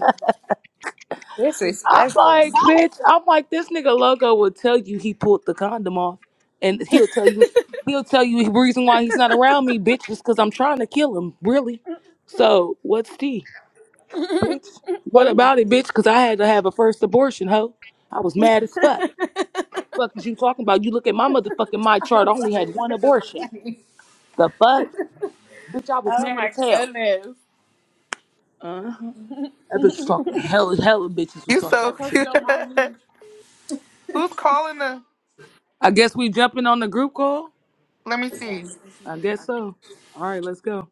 C: y'all,
B: disrespectful. These
D: like, bitch, I'm like, this nigga logo will tell you he pulled the condom off, and he'll tell you, he'll tell you the reason why he's not around me, bitch, is because I'm trying to kill him, really. So what's tea, bitch? What
C: ladies.
D: about it, bitch? Because I had to have a first abortion, hoe. I was mad as fuck. Fuck is you talking about? You look at my motherfucking my chart. I only had one
B: bitches are
D: abortion.
B: funny.
D: The fuck, bitch, I was
B: Oh
D: mad
B: my
D: as hell.
B: goodness.
D: That bitch was talking hell, hella bitches was
A: You
D: talking.
B: I
A: so
D: that
B: told
D: shit.
B: you
A: cute.
B: don't mind me.
A: Who's calling her?
D: I guess we jumping on the group call.
A: Let me see.
D: I guess so. All right, let's go.